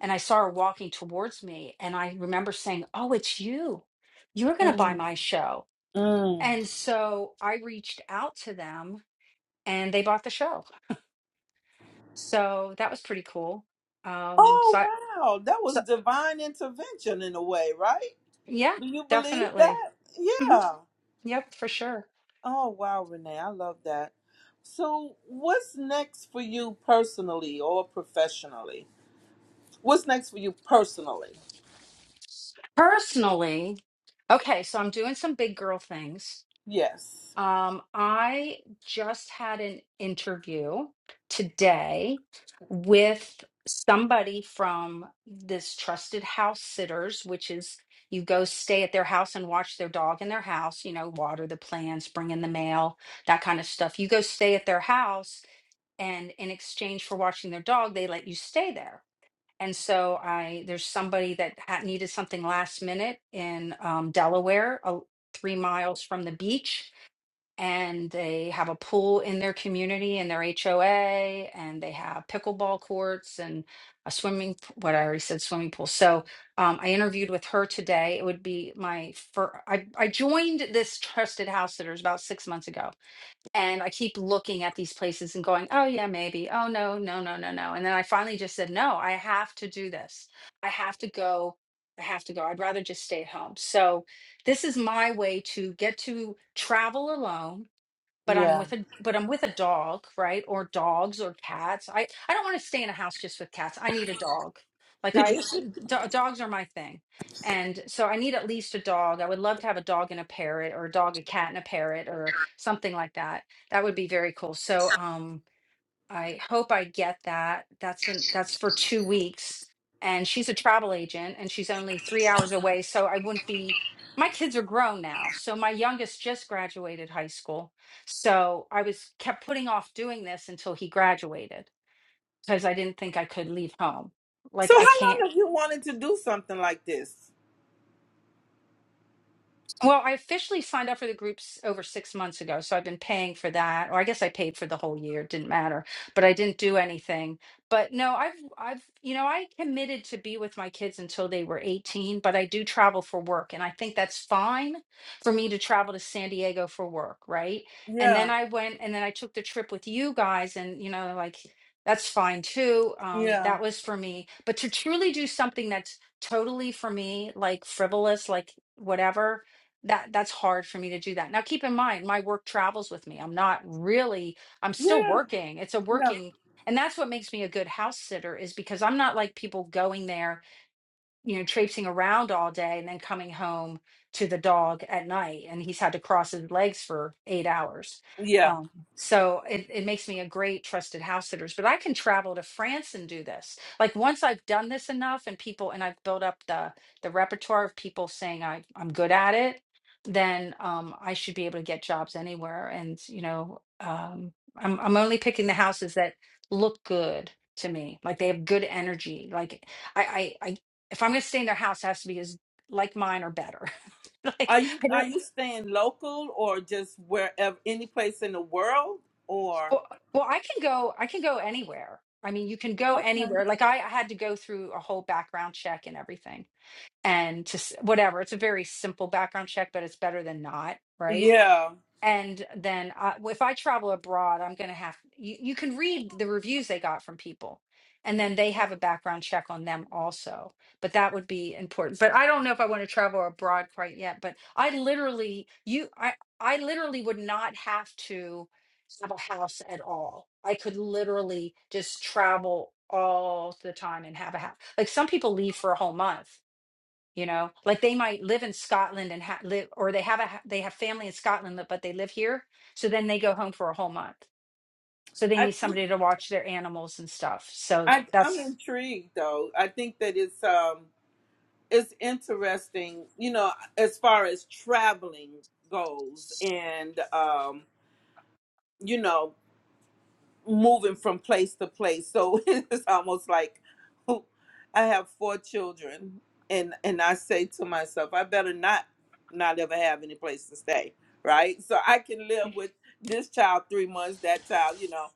And I saw her walking towards me. And I remember saying, Oh, it's you. You're going to buy mm my show. Mm. And so I reached out to them and they bought the show. So that was pretty cool. Um, so, Oh, I, wow. That so was divine intervention in a way, right? yeah, Do you believe definitely. that? hmm Yeah. Yep, for sure. Oh, wow, Renee. I love that. So, what's next for you personally or professionally? What's next for you personally? Personally, okay, so I'm doing some big girl things. Yes. Um, I just had an interview today with somebody from this trusted house sitters, which is you go stay at their house and watch their dog in their house, you know, water the plants, bring in the mail, that kind of stuff. You go stay at their house, and in exchange for watching their dog, they let you stay there and so I there's somebody that had needed something last minute in um, Delaware, uh, three miles from the beach, and they have a pool in their community in their HOA, and they have pickleball courts and a swimming. p- What I already said, swimming pool. So um, I interviewed with her today. It would be my first. I I joined this trusted house sitters about six months ago and I keep looking at these places and going, oh, yeah, maybe. Oh, no, no, no, no, no. And then I finally just said, no, I have to do this. I have to go. I have to go. I'd rather just stay at home. So this is my way to get to travel alone but I'm Yeah. with a but I'm with a dog, right? Or dogs or cats. I I don't want to stay in a house just with cats. I need a dog. [laughs] Like I so, do- dogs are my thing. And so I need at least a dog. I would love to have a dog and a parrot or a dog, a cat and a parrot or something like that. That would be very cool. So um I hope I get that. That's in that's for two weeks. And she's a travel agent and she's only three hours away. So I wouldn't be my kids are grown now. So my youngest just graduated high school. So I was kept putting off doing this until he graduated because I didn't think I could leave home. Like how I long can't have you wanted to do something like this? Well, I officially signed up for the groups over six months ago, so I've been paying for that, or I guess I paid for the whole year. It didn't matter, but I didn't do anything. But no, I've, I've, you know, I committed to be with my kids until they were 18, but I do travel for work, and I think that's fine for me to travel to San Diego for work, right? And then Yeah. I went, and then I took the trip with you guys, and you know, like that's fine too. Um, Yeah. that was for me, but to truly do something that's totally for me, like frivolous, like whatever that that's hard for me to do that. Now keep in mind my work travels with me. I'm not really I'm still Yeah. working. It's a Yeah. working and that's what makes me a good house sitter is because I'm not like people going there you know, traipsing around all day and then coming home to the dog at night. And he's had to cross his legs for eight hours. Yeah. Um, so it, it makes me a great trusted house sitters. But I can travel to France and do this. Like once I've done this enough and people and I've built up the the repertoire of people saying I, I'm good at it, then um, I should be able to get jobs anywhere. And you know, um, I'm I'm only picking the houses that look good to me, like they have good energy. Like I, I, I if I'm going to stay in their house, it has to be as like mine or better. [laughs] like Are you I are don't. you staying local or just wherever any place in the world or Well, well, I can go. I can go anywhere. I mean, you can go Okay. anywhere. Like I, I had to go through a whole background check and everything, and to s- whatever. It's a very simple background check, but it's better than not, right? Yeah, and then I, if i travel abroad i'm going to have you, you can read the reviews they got from people and then they have a background check on them also but that would be important but i don't know if i want to travel abroad quite yet but i literally you i i literally would not have to have a house at all i could literally just travel all the time and have a house like some people leave for a whole month you know like they might live in scotland and ha- live or they have a ha- they have family in scotland but but they live here so then they go home for a whole month so they I, need somebody to watch their animals and stuff so I I'm that's intrigued though. I think that it's um it's interesting, you know, as far as traveling goes, and um you know moving from place to place. So [laughs] it's almost like oh, I have four children, and and I say to myself, I better not not ever have any place to stay, right? So I can live with this child three months, that child, you know.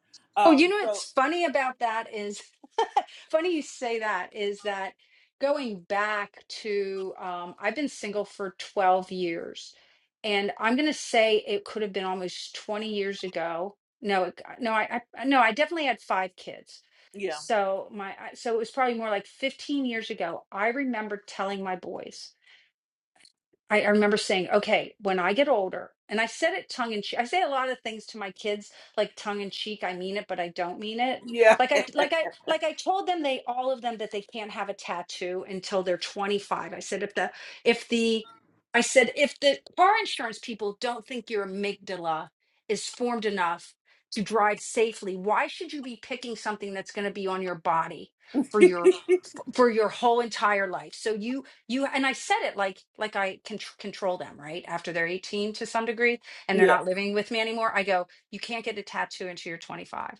Oh, you Um. know So what's funny about that is [laughs] funny you say that is that going back to um, I've been single for 12 years, and I'm gonna say it could have been almost 20 years ago. No, it, uh, no, I, I no, I definitely had five kids. yeah, So my I- so it was probably more like 15 years ago. I remember telling my boys. I, I remember saying, okay, when I get older, and I said it tongue in cheek. I say a lot of things to my kids, like tongue in cheek. I mean it, but I don't mean it. yeah, Like I, like I, like I told them they all of them that they can't have a tattoo until they're 25. I said if the if the I said if the car insurance people don't think your amygdala is formed enough to drive safely, why should you be picking something that's going to be on your body? for your for your whole entire life. So you you and I said it like like I can control them, right? After they're 18 to some degree and they're yeah. not living with me anymore, I go, you can't get a tattoo until you're 25.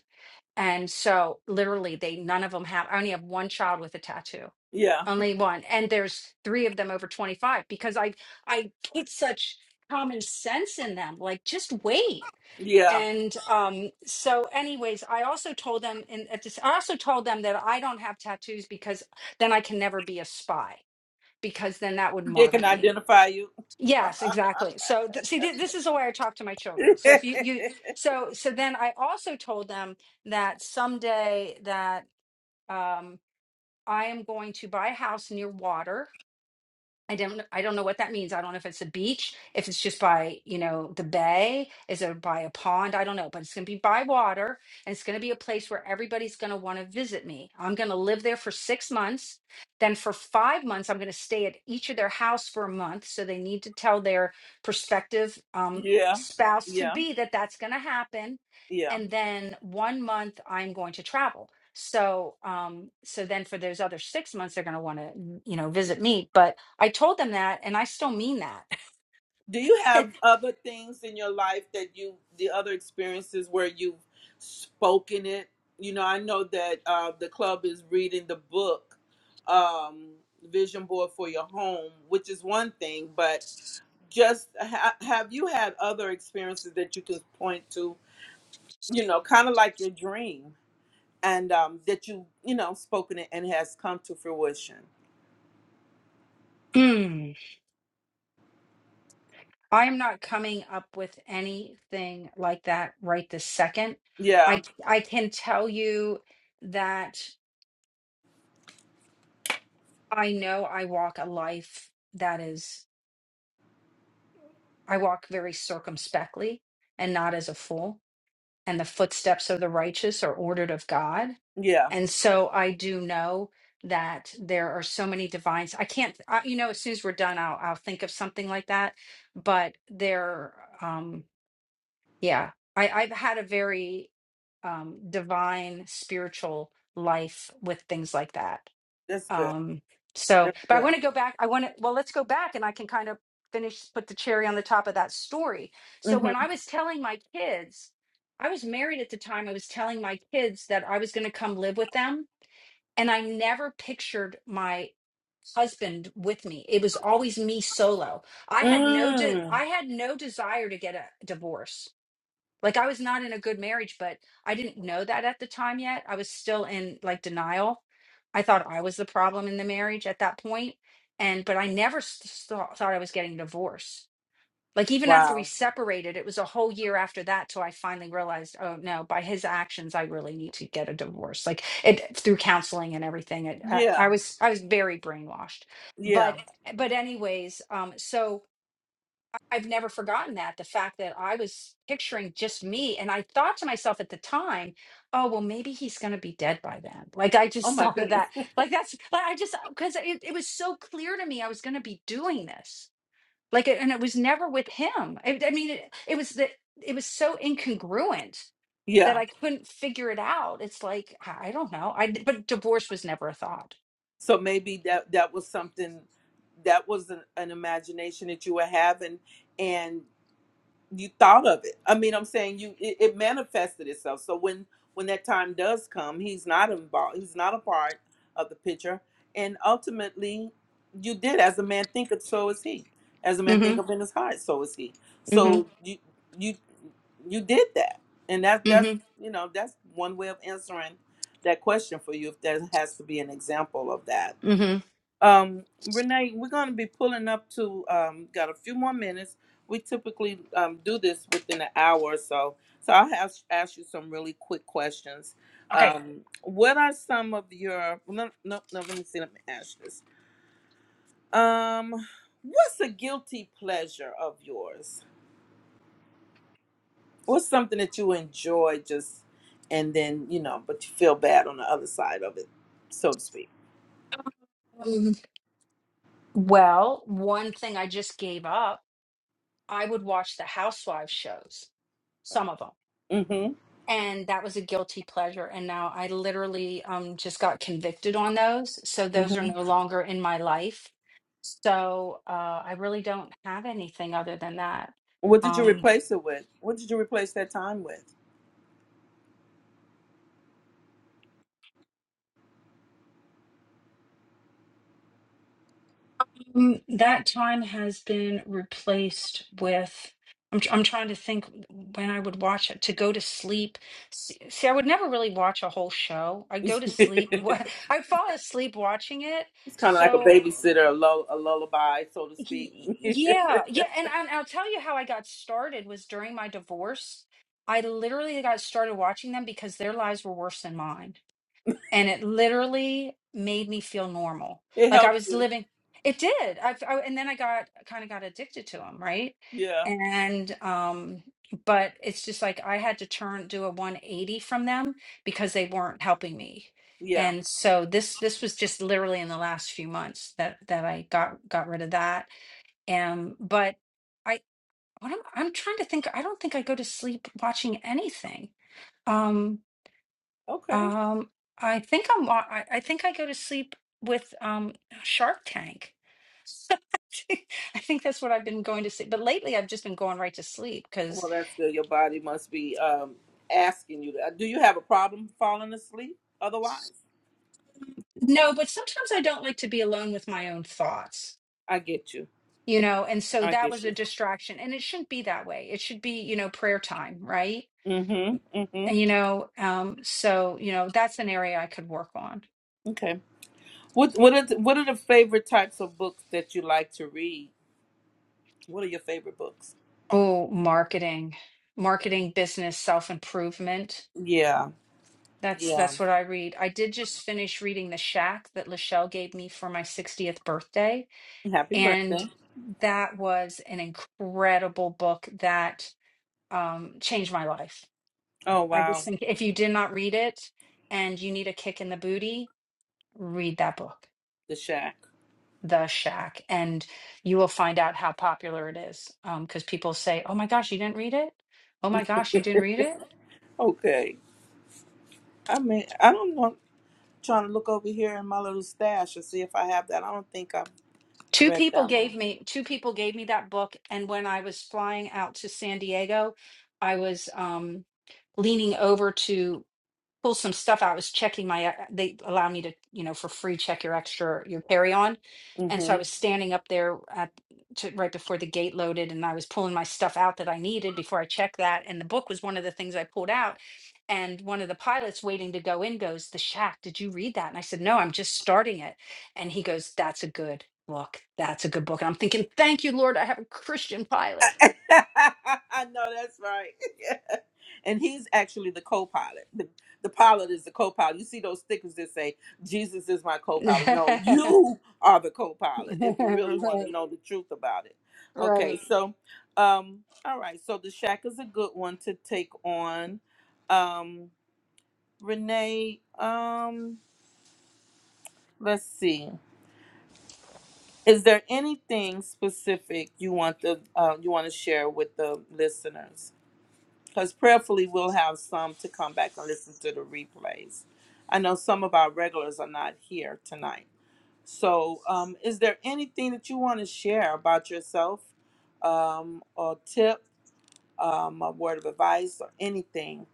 And so literally they none of them have I only have one child with a tattoo. Yeah. Only one. And there's three of them over 25 because I I put such common sense in them. Like just wait Yeah. and um so anyways i also told them and at this i also told them that i don't have tattoos because then i can never be a spy because then that would They mark can me identify you. yes exactly so th- see th- this is the way i talk to my children [laughs] so if you you so so then i also told them that someday that um i am going to buy a house near water I don't I don't know what that means. I don't know if it's a beach, if it's just by, you know, the bay, is it by a pond? I don't know, but it's going to be by water and it's going to be a place where everybody's going to want to visit me. I'm going to live there for 6 months. Then for 5 months I'm going to stay at each of their house for a month, so they need to tell their prospective um yeah. spouse to Yeah. be that that's going to happen. Yeah. And then 1 month I'm going to travel. So um so then for those other 6 months they're going to want to, you know, visit me, but I told them that, and I still mean that. Do you [laughs] have other things in your life that you, the other experiences where you've spoken it? You know, I know that uh, the club is reading the book, um, Vision Board for Your Home, which is one thing, but just ha- have you had other experiences that you can point to, you know, kind of like your dream? and um, that you you know spoken it and has come to fruition. Hmm. I am not coming up with anything like that right this second. I Yeah, I can tell you that I know I walk a life that is I walk very circumspectly and not as a fool, and the footsteps of the righteous are ordered of God. yeah, And so I do know that there are so many divines. I can't, I, you know, as soon as we're done, I'll I'll think of something like that. But there, um, yeah, I, I've had a very um, divine spiritual life with things like that. that's good. Um, so, That's but I good. want to go back. I want to, well, let's go back and I can kind of finish, put the cherry on the top of that story. So when Mm-hmm. I was telling my kids, I was married at the time, I was telling my kids that I was going to come live with them and I never pictured my husband with me. It was always me solo. I had no de- Mm. I had no desire to get a divorce. Like I was not in a good marriage, but I didn't know that at the time yet. I was still in like denial. I thought I was the problem in the marriage at that point, and but I never s- s- thought thought I was getting a divorce like even after we Wow. separated it was a whole year after that till i finally realized oh no by his actions i really need to get a divorce like it through counseling and everything it, I, I Yeah, was i was very brainwashed yeah. but but anyways um so i've never forgotten that the fact that i was picturing just me and i thought to myself at the time oh well maybe he's going to be dead by then like i Oh just [laughs] my thought of goodness. that like that's like i just because it, it was so clear to me i was going to be doing this like and it was never with him i, I mean it, it was the it was so incongruent [laughs] that yeah. i couldn't figure it out it's like i I don't know I but divorce was never a thought So maybe that that was something that was an, an imagination that you were having, and you thought of it i mean i'm saying you it, it manifested itself so when when that time does come he's not involved he's not a part of the picture and ultimately you did as a man thinketh so is he as a man hmm thinketh in his heart so is he hmm so you you you did that and that that's hmm you know that's one way of answering that question for you if there has to be an example of that hmm um, Renee, we're going to be pulling up to, um, got a few more minutes. We typically um, do this within an hour or so. So I'll have, ask you some really quick questions. okay Um, what are some of your, no, no, no, let me see, let me ask this. Um, what's a guilty pleasure of yours? What's something that you enjoy just, and then, you know, but you feel bad on the other side of it, so to speak? um, well one thing i just gave up i would watch the housewives shows some of them Mm-hmm. and that was a guilty pleasure and now i literally um just got convicted on those so those are no longer in my life so uh i really don't have anything other than that What did you um replace it with? What did you replace that time with? mm, that time has been replaced with I'm, tr- I'm trying to think when I would watch it to go to sleep. S- See, I would never really watch a whole show. I go to [laughs] sleep. [laughs] it's I fall asleep watching it. kind of like a So. babysitter, a, lull, a lullaby, so to speak. [laughs] Y- it Yeah, yeah, and, and I'll tell you how I got started was during my divorce. I literally got started watching them because their lives were worse than mine, and it literally made me feel normal, like I helps was you. living. It did. I, I and then I got kind of got addicted to them, right? Yeah. And um, but it's just like I had to turn do a 180 from them because they weren't helping me. Yeah. And so this this was just literally in the last few months that that I got got rid of that um, but I what I'm I'm trying to think. I don't think I go to sleep watching anything. Um, Okay. um, I think I'm wa- I, I think I go to sleep with um Shark Tank. [laughs] I think that's what I've been going to sleep. But lately I've just been going right to sleep because Well, that's good. Your body must be um, asking you. To, uh, do you have a problem falling asleep? Otherwise, no, but sometimes I don't like to be alone with my own thoughts. I get you. You know, and so I that was get a you. distraction. And it shouldn't be that way. It should be, you know, prayer time, right? Mm-hmm. And Mm-hmm. you know, um, so you know, that's an area I could work on Okay. What What are the, What are the favorite types of books that you like to read? What are your favorite books? Oh, marketing, marketing, business, self-improvement. Yeah. That's Yeah. that's what I read. I did just finish reading The Shack that Lachelle gave me for my 60th birthday, Happy and birthday. that was an incredible book that um, changed my life. Oh I wow. just think if you did not read it and you need a kick in the booty, read that book, The shack. The Shack, and you will find out how popular it is. Um, because people say, "Oh my gosh, you didn't read it? Oh my gosh, you didn't read it?" Okay. I mean, I don't know. Trying to look over here in my little stash and see if I have that. I don't think I've two read people that gave one. me two people gave me that book and when i was flying out to san diego i was um leaning over to pull some stuff out. I was checking my, uh, they allow me to, you know, for free check your extra, your carry on. And so hmm I was standing up there at, to, right before the gate loaded and I was pulling my stuff out that I needed before I checked that. And the book was one of the things I pulled out. And one of the pilots waiting to go in goes, The Shack, did you read that? And I said, No, I'm just starting it. And he goes, That's a good book. That's a good book. And I'm thinking, Thank you, Lord, I have a Christian pilot. [laughs] I know that's right. [laughs] and he's actually the co-pilot. The, the pilot is the co-pilot. You see those stickers that say "Jesus is my [laughs] co-pilot." [laughs] No, right, you are the co-pilot. If you really want to know the truth about it. Okay, right. so, um, all right. So the shack is a good one to take on. Um, Renee, um, let's see. Is there anything specific you want the uh, you want to share with the listeners? Because prayerfully, we'll have some to come back and listen to the replays. I know some of our regulars are not here tonight. So, um, is there anything that you want to share about yourself, um, or tip, um, a word of advice, or anything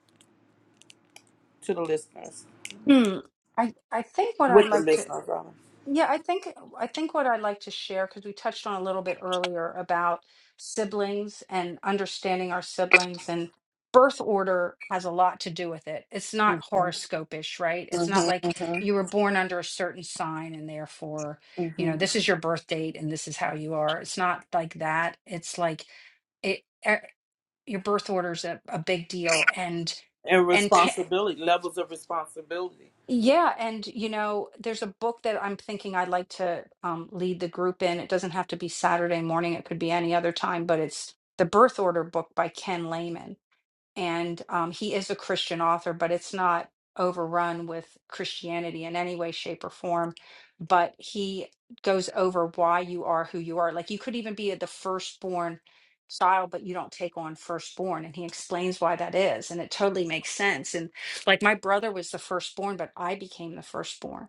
to the listeners Hmm. I I think what I'd with the like to listeners? rather? yeah, I think I think what I'd like to share because we touched on a little bit earlier about siblings and understanding our siblings and birth order has a lot to do with it. It's not Mhm, horoscopish, right? It's not mhm, like mhm, you were born under a certain sign and therefore, you know, mhm. this is your birth date and this is how you are. It's not like that. It's like it e- your birth order is a, a big deal and and and pa- responsibility, levels of responsibility. yeah, and you know, there's a book that I'm thinking I'd like to um, lead the group in. It doesn't have to be Saturday morning, it could be any other time, but it's The Birth Order book by Ken Lehman and um, he is a Christian author, but it's not overrun with Christianity in any way, shape, or form. But he goes over why you are who you are. Like you could even be the firstborn child, but you don't take on firstborn. And he explains why that is. And it totally makes sense. And like my brother was the firstborn, but I became the firstborn.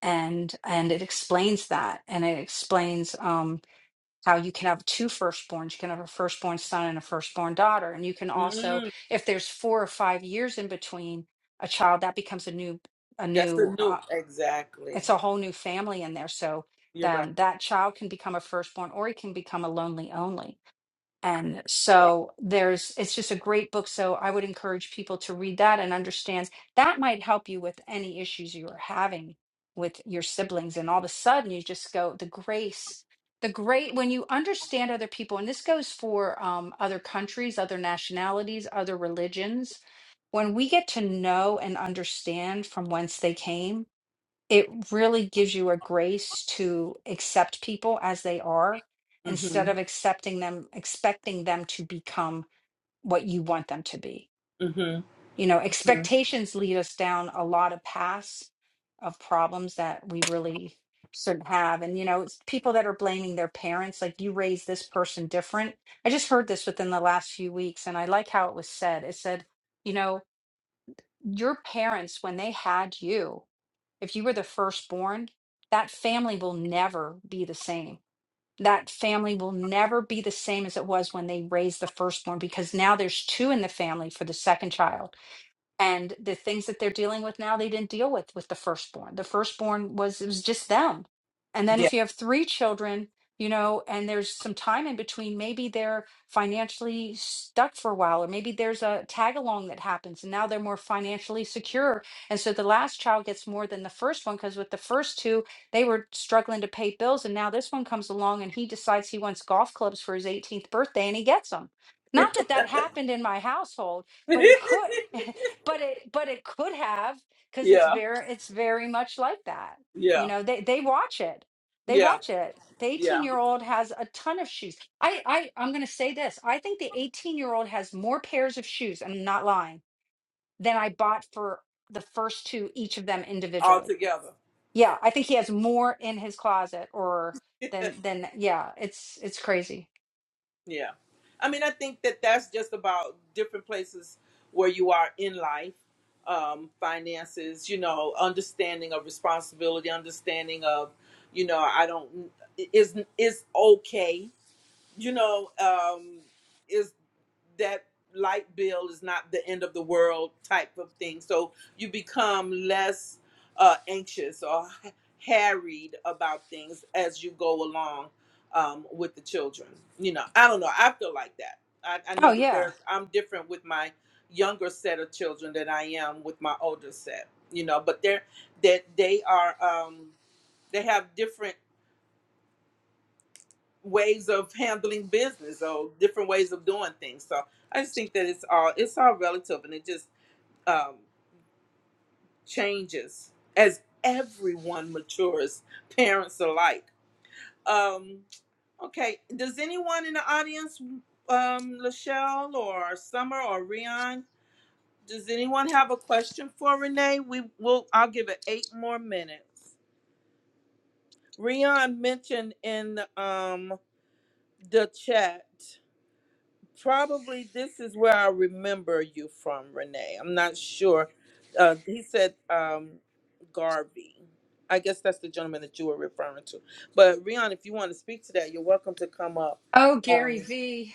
And and it explains that. And it explains um, how you can have two firstborns, you can have a firstborn son and a firstborn daughter. And you can also, Mm, if there's four or five years in between a child, that becomes a new, a that's a new, uh, new, exactly. it's a whole new family in there. So You're right. um, that child can become a firstborn or he can become a lonely only. And so there's, it's just a great book. So I would encourage people to read that and understand that might help you with any issues you are having with your siblings. And all of a sudden you just go, the grace, the great, when you understand other people, and this goes for um, other countries, other nationalities, other religions, when we get to know and understand from whence they came it really gives you a grace to accept people as they are instead Mm-hmm. of accepting them expecting them to become what you want them to be Mm-hmm. you know hmm expectations lead us down a lot of paths of problems that we really shouldn't have and you know it's people that are blaming their parents like you raised this person different i just heard this within the last few weeks and i like how it was said it said you know your parents when they had you if you were the firstborn, that family will never be the same. That family will never be the same as it was when they raised the firstborn because now there's two in the family for the second child and the things that they're dealing with now they didn't deal with with the firstborn the firstborn was it was just them and then Yeah. if you have three children you know and there's some time in between maybe they're financially stuck for a while or maybe there's a tag along that happens and now they're more financially secure and so the last child gets more than the first one because with the first two they were struggling to pay bills and now this one comes along and he decides he wants golf clubs for his 18th birthday and he gets them not that that happened in my household [laughs] but it could [laughs] but it but it could have because it's yeah. very it's very much like that you Yeah. know they they watch it they Yeah. watch it the 18 Yeah. year old has a ton of shoes i i i'm going to say this i think the 18 year old has more pairs of shoes and i'm not lying than i bought for the first two each of them All individually together. yeah i think he has more in his closet or than [laughs] than yeah it's it's crazy yeah. I mean, I think that that's just about different places where you are in life, um, finances, you know, understanding of responsibility, understanding of, you know, I don't, is is okay you know, um, is that light bill is not the end of the world type of thing. So you become less uh, anxious or ha- harried about things as you go along um, with the children. You know, I don't know. I feel like that. I, I oh know that yeah there's, I'm different with my younger set of children than I am with my older set. You know, but they're that they are um, they have different ways of handling business or different ways of doing things. So I just think that it's all it's all relative and it just um, changes as everyone matures, [laughs] parents alike. Um, okay, does anyone in the audience, um, Lachelle or Summer or Rion, does anyone have a question for Renee? We will. I'll give it eight more minutes. Rion mentioned in um, the chat Probably this is where I remember you from, Renee. I'm not sure. Uh, he said um, Garvey. I guess that's the gentleman that you were referring to. But Rion, if you want to speak to that, you're welcome to come up. oh Um, gary v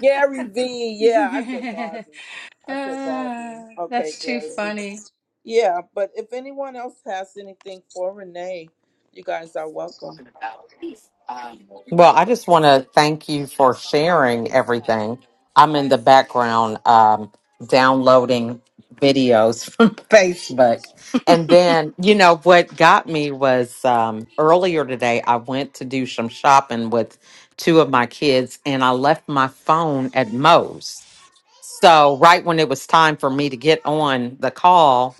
Gary V. Yeah, I said [laughs] Garvey. I said Garvey. Ah, Okay, that's too Gary V. funny Yeah, but if anyone else has anything for Renee, you guys are welcome. Well, I just want to thank you for sharing everything. I'm in the background um, downloading videos [laughs] from Facebook. And then, you know, what got me was um, earlier today, I went to do some shopping with two of my kids and I left my phone at Moe's. So right when it was time for me to get on the call,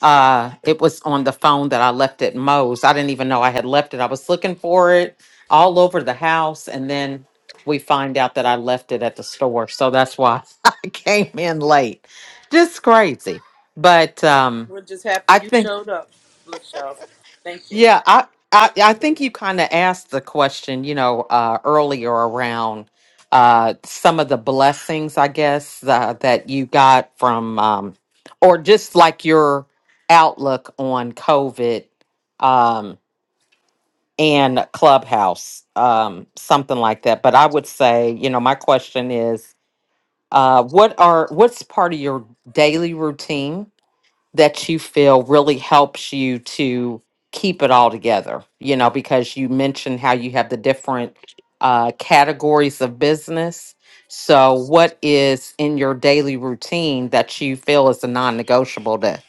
uh, it was on the phone that I left at Moe's. I didn't even know I had left it. I was looking for it all over the house, and then we find out that I left it at the store. So that's why [laughs] I came in late. Just crazy. But um, We're just happy I you think. showed up, Lachelle. Thank you. Yeah, I I, I think you kind of asked the question, you know, uh, earlier around uh, some of the blessings, I guess, uh, that you got from, um, or just like your outlook on COVID um, and Clubhouse, um, something like that. But I would say, you know, my question is, uh, what are what's part of your daily routine? that you feel really helps you to keep it all together you know because you mentioned how you have the different uh, categories of business so what is in your daily routine that you feel is a non-negotiable to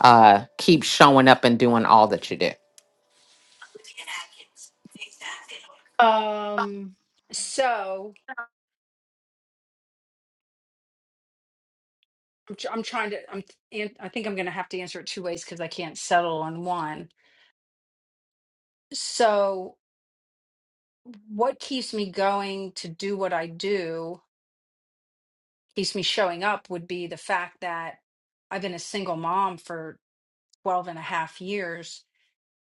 uh, keep showing up and doing all that you do Um, so I'm, tr- I'm trying to, I'm, an- I think I'm going to have to answer it two ways because I can't settle on one. So, what keeps me going to do what I do, keeps me showing up would be the fact that I've been a single mom for 12 and a half years.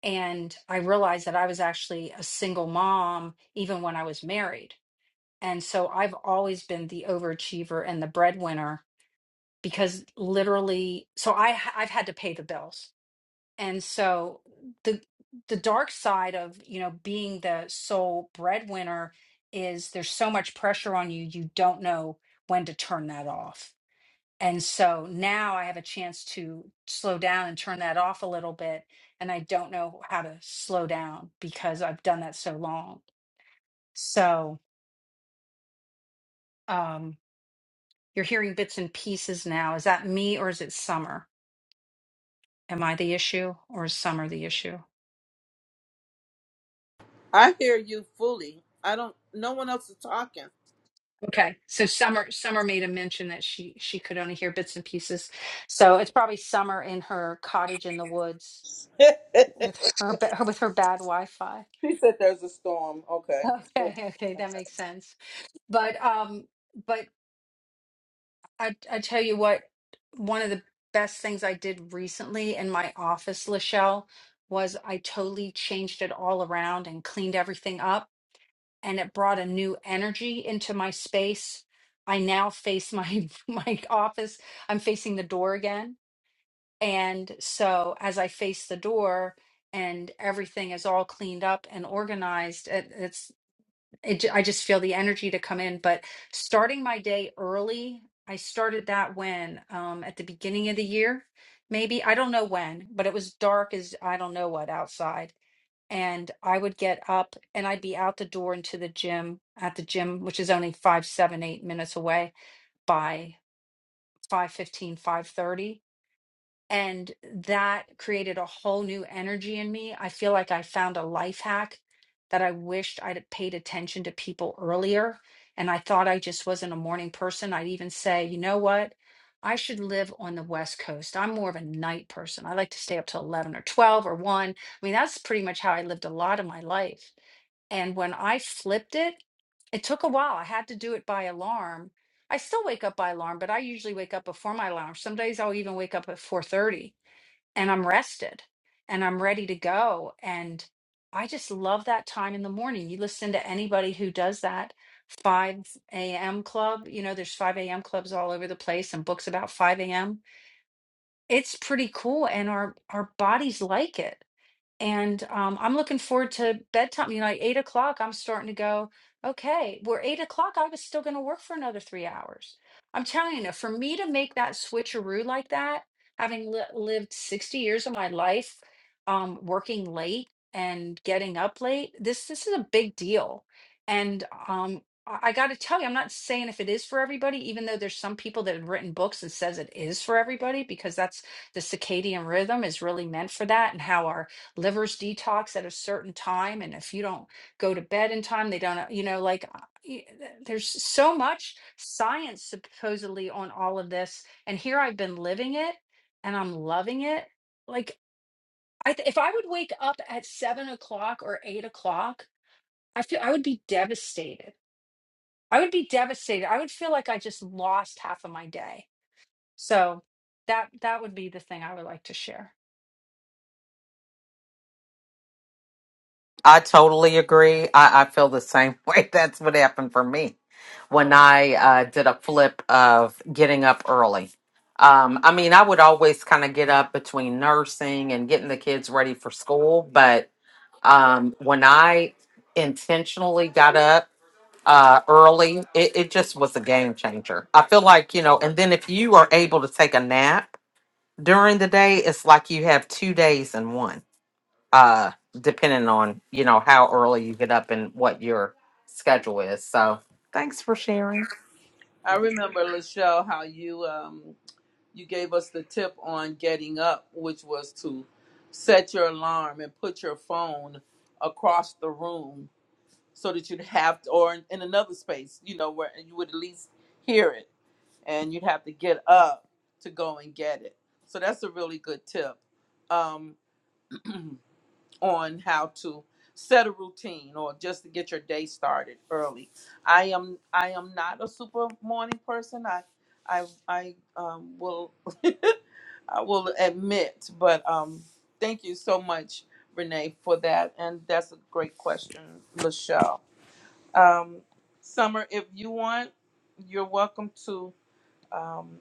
And I realized that I was actually a single mom even when I was married. And so I've always been the overachiever and the breadwinner because literally so i h- i've had to pay the bills and so the the dark side of you know being the sole breadwinner is there's so much pressure on you you don't know when to turn that off and so now i have a chance to slow down and turn that off a little bit and i don't know how to slow down because i've done that so long so um you're hearing bits and pieces now is that me or is it summer Am I the issue or is Summer the issue? I hear you fully. I don't. No one else is talking. Okay, so Summer Summer made a mention that she she could only hear bits and pieces. So it's probably Summer in her cottage in the woods [laughs] with her ba- [laughs] with her bad Wi-Fi. She said there's a storm. Okay. [laughs] Okay, okay, that makes sense. But um but I I tell you what, one of the best things I did recently in my office, Lachelle, was I totally changed it all around and cleaned everything up and it brought a new energy into my space. I now face my [laughs] my office. I'm facing the door again. And so as I face the door and everything is all cleaned up and organized, it, it's it, ju- I just feel the energy to come in, but starting my day early, I started that when um at the beginning of the year, maybe I don't know when, but it was dark as I don't know what outside and I would get up and I'd be out the door into the gym at the gym, which is only five, seven, eight minutes away by five fifteen, five thirty, And that created a whole new energy in me. I feel like I found a life hack that I wished I'd have paid attention to people earlier. And I thought I just wasn't a morning person. I'd even say, you know what? I should live on the West Coast. I'm more of a night person. I like to stay up till 11 or 12 or 1. I mean, that's pretty much how I lived a lot of my life and when I flipped it, it took a while. I had to do it by alarm. I still wake up by alarm, but I usually wake up before my alarm. Some days I'll even wake up at 4:30 and I'm rested and I'm ready to go. And I just love that time in the morning. You listen to anybody who does that 5 a.m. club. You know, there's 5 a.m. clubs all over the place and books about 5 a.m. It's pretty cool and our our bodies like it and um, I'm looking forward to bedtime. You know, at eight o'clock, I'm starting to go, okay, we're eight o'clock. I was still going to work for another three hours. I'm telling you, for me to make that switcheroo like that, having li- lived 60 years of my life um, working late and getting up late, this this is a big deal. And um, I, I got to tell you, I'm not saying if it is for everybody, even though there's some people that have written books and says it is for everybody because that's the circadian rhythm is really meant for that and how our livers detox at a certain time and if you don't go to bed in time they don't you know like uh, y- uh, there's so much science supposedly on all of this and here I've been living it and I'm loving it like I th- if I would wake up at seven o'clock or eight o'clock I feel I would be devastated I would be devastated I would feel like I just lost half of my day so that that would be the thing I would like to share I totally agree. I, I feel the same [laughs] way. That's what happened for me when I uh, did a flip of getting up early. Um, I mean, I would always kind of get up between nursing and getting the kids ready for school. But um, when I intentionally got up uh, early, it, it just was a game changer. I feel like, you know, and then if you are able to take a nap during the day, it's like you have two days in one uh depending on you know how early you get up and what your schedule is so thanks for sharing I remember Lachelle how you um you gave us the tip on getting up, which was to set your alarm and put your phone across the room so that you'd have to, or in, in another space, you know, where you would at least hear it, and you'd have to get up to go and get it. So that's a really good tip. Um, on how to set a routine or just to get your day started early. I am I am not a super morning person. I I I um, will I will admit, but um, thank you so much, Renee, for that. And that's a great question, Lachelle. Um, Summer, if you want, you're welcome to. Um,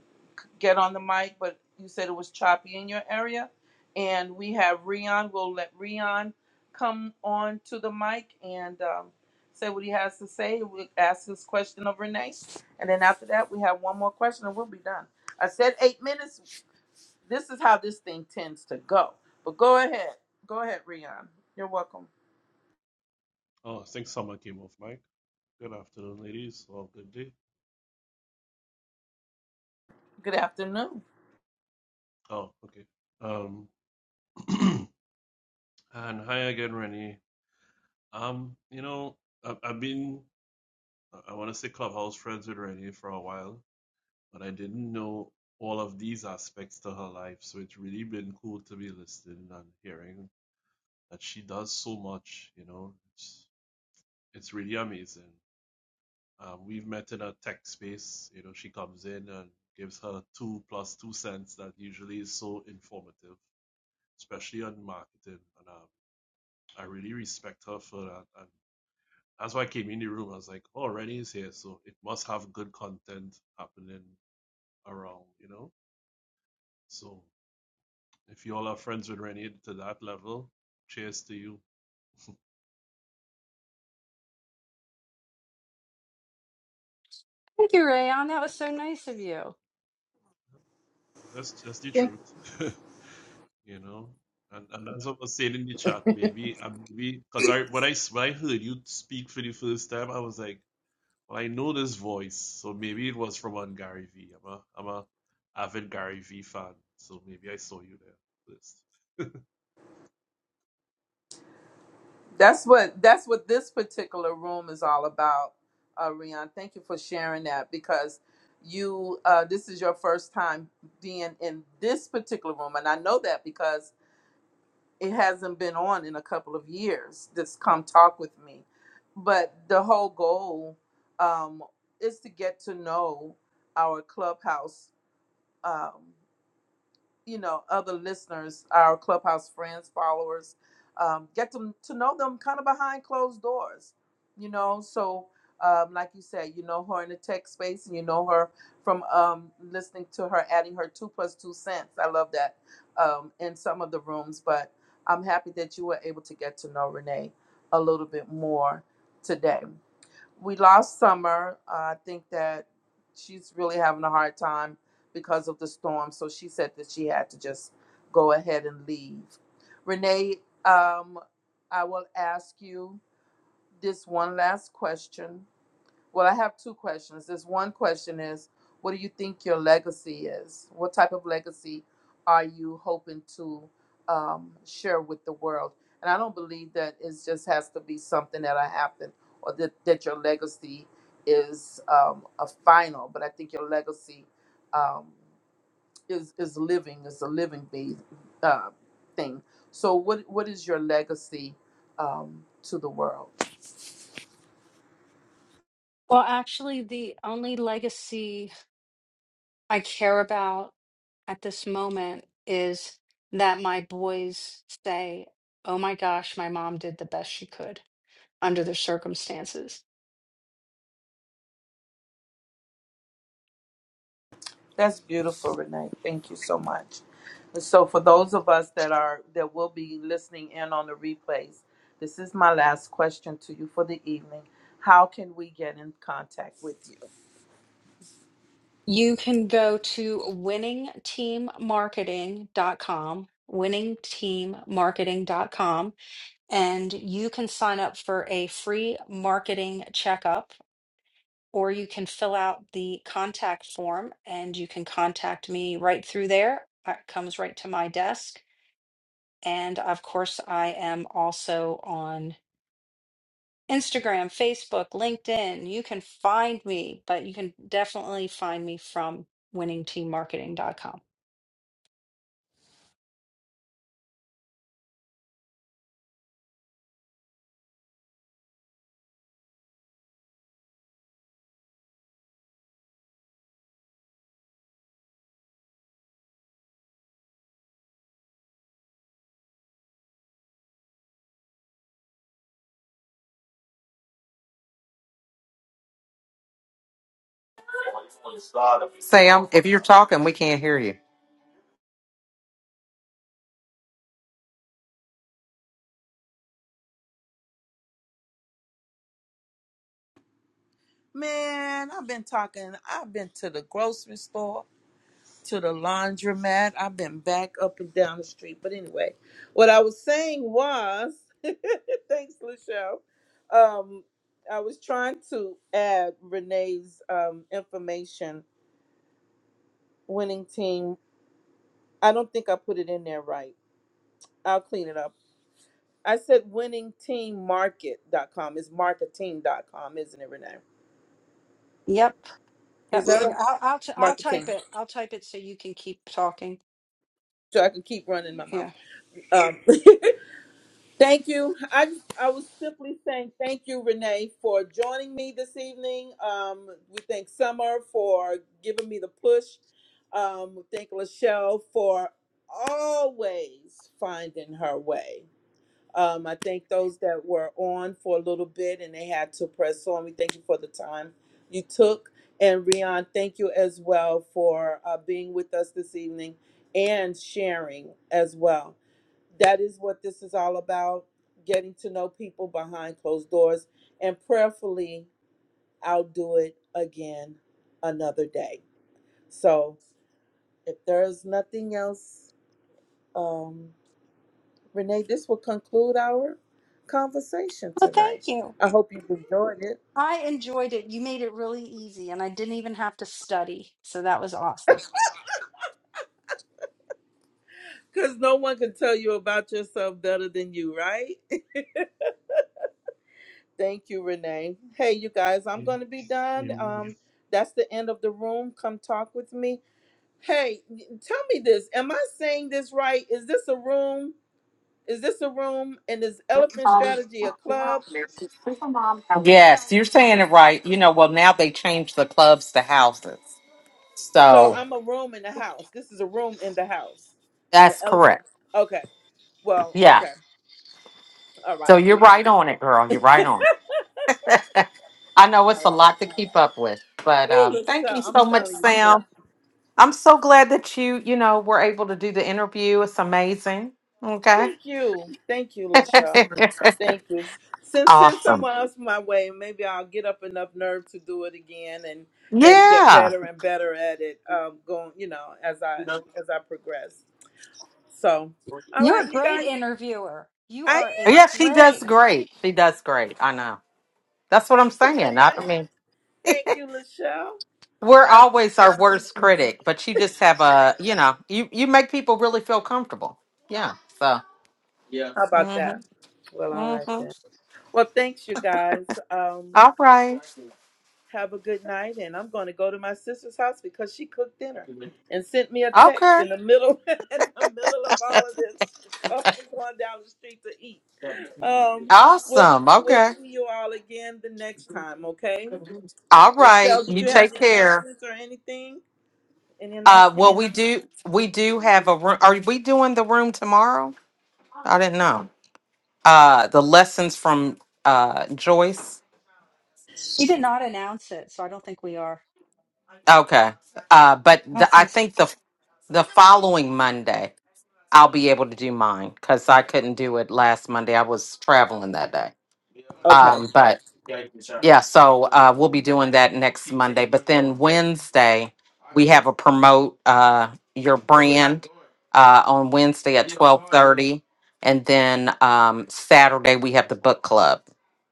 get on the mic, but you said it was choppy in your area. And we have Rion. We'll let Rion come on to the mic and um, say what he has to say. We'll ask his question of Renee. And then after that, we have one more question and we'll be done. I said eight minutes. This is how this thing tends to go. But go ahead. Go ahead, Rion. You're welcome. Oh, I think someone came off mic. Good afternoon, ladies, or good day. Good afternoon. Oh, okay. Um, [clears throat] and hi again, Rennie. Um, you know, I, I've been, I want to say clubhouse friends with Rennie for a while, but I didn't know all of these aspects to her life. So it's really been cool to be listening and hearing that she does so much, you know, it's, it's really amazing. Um, we've met in a tech space. You know, she comes in and gives her two plus two cents that usually is so informative, especially on marketing. And um, I really respect her for that. And that's why I came in the room. I was like, oh, Rennie is here, so it must have good content happening around, you know? So if you all are friends with Rennie to that level, cheers to you. thank you Rayon that was so nice of you That's that's the truth. [laughs] you know and, and that's what I was said in the chat maybe and maybe because I when I s- when I heard you speak for the first time I was like well I know this voice so maybe it was from on Gary V I'm a I'm a avid Gary V fan so maybe I saw you there first That's what that's what this particular room is all about, uh, Rion. Thank you for sharing that because you uh, this is your first time being in this particular room, and I know that because it hasn't been on in a couple of years. This come talk with me, but the whole goal um, is to get to know our clubhouse. Um, you know other listeners our clubhouse friends followers um, get them to know them kind of behind closed doors you know so um, like you said you know her in the tech space and you know her from um, listening to her adding her two plus two cents i love that um, in some of the rooms but i'm happy that you were able to get to know renee a little bit more today we lost Summer. Uh, I think that she's really having a hard time because of the storm. So she said that she had to just go ahead and leave. Renee, um, I will ask you this one last question. Well, I have two questions. This one question is, what do you think your legacy is? What type of legacy are you hoping to um, share with the world? And I don't believe that it just has to be something that I happened or that, that your legacy is um, a final, but I think your legacy um, is, is living, is a living be, uh, thing. So what, what is your legacy um, to the world? Well, actually, the only legacy I care about at this moment is that my boys say, Oh my gosh, my mom did the best she could under the circumstances. That's beautiful, Renee. Thank you so much. And so, for those of us that are that will be listening in on the replays, this is my last question to you for the evening. How can we get in contact with you? You can go to winning team marketing dot com, winning team marketing dot com, and you can sign up for a free marketing checkup or you can fill out the contact form and you can contact me right through there. Uh, It comes right to my desk. And of course, I am also on Instagram, Facebook, LinkedIn. You can find me, but you can definitely find me from winningteammarketing.com. sam if you're talking we can't hear you Man, I've been talking. I've been to the grocery store, to the laundromat. I've been back up and down the street. But anyway, what I was saying was, [laughs] thanks, Lachelle. Um, I was trying to add Renee's um, information winning team. I don't think I put it in there right. I'll clean it up. I said winning team winningteammarket.com. It's marketing dot com isn't it, Renee? Yep. Is Yep. yep, that yep. right? I'll, I'll, t- I'll Marketing. type it. I'll type it so you can keep talking. So I can keep running my mouth. Yeah. Um, [laughs] thank you. I just, I was simply saying thank you, Renee, for joining me this evening. Um, we thank Summer for giving me the push. Um, we thank Lachelle for always finding her way. Um, I thank those that were on for a little bit and they had to press on. We thank you for the time you took. And Rion, thank you as well for uh, being with us this evening and sharing as well. That is what this is all about getting to know people behind closed doors. And prayerfully, I'll do it again another day. So if there's nothing else, um, Renee, this will conclude our conversation Well, tonight. thank you. I hope you've enjoyed it. I enjoyed it. You made it really easy, and I didn't even have to study. So that was awesome. [laughs] Because no one can tell you about yourself better than you, right? [laughs] Thank you, Renee. Hey, you guys, I'm going to be done. Amen. Um, that's the end of the room. Come talk with me. Hey, tell me this. Am I saying this right? Is this a room? Is this a room? And is Elephant Strategy a club? yes you're saying it right you know well now they changed the clubs to houses So so I'm a room in the house. This is a room in the house. And the that's elephant. correct Okay. Well, yeah okay. All right. so you're right on it girl you're right on it. [laughs] i know it's All a right. lot to keep up with but um Ooh, thank Lachelle, you I'm so much telling you the truth. sam i'm so glad that you you know were able to do the interview it's amazing okay Thank you. Thank you, Lachelle. [laughs] Thank you. Send send awesome someone else my way. Maybe I'll get up enough nerve to do it again and and get Yeah. better and better at it. Um, going, you know, as I as I progress. So, all You're right, a you great guys. interviewer. You I are a Yeah, she does great. great. She does great. I know. That's what I'm thank you, saying. Renee. I, I mean, [laughs] Thank you, Lachelle. we're I always our appreciate that. worst critic, but you just have a, you know, you you make people really feel comfortable. Yeah. So. How about mm that? Mhm. Well, Mm-hmm. all right Mhm. then. Well, thanks, you guys. Um, All right. Have a good night. And I'm going to go to my sister's house because she cooked dinner and sent me a text Okay. in the middle [laughs] in the middle of all of this. So I'm going down the street to eat. Um, we'll Awesome. we'll Okay. see you all again the next time. Okay. All right. Michelle, did You you have take the care. announcements or anything? Any Uh well, announcements? we do we do have a room. Are we doing the room tomorrow? I didn't know. Uh the lessons from uh Joyce. She did not announce it, so I don't think we are. Okay. Uh, but I the, don't I think. So. think the the following Monday I'll be able to do mine because I couldn't do it last Monday. I was traveling that day. Okay. Um, but yeah, so uh, we'll be doing that next Monday. But then Wednesday we have a promote uh, your brand uh, on Wednesday at twelve thirty, and then um, Saturday we have the book club.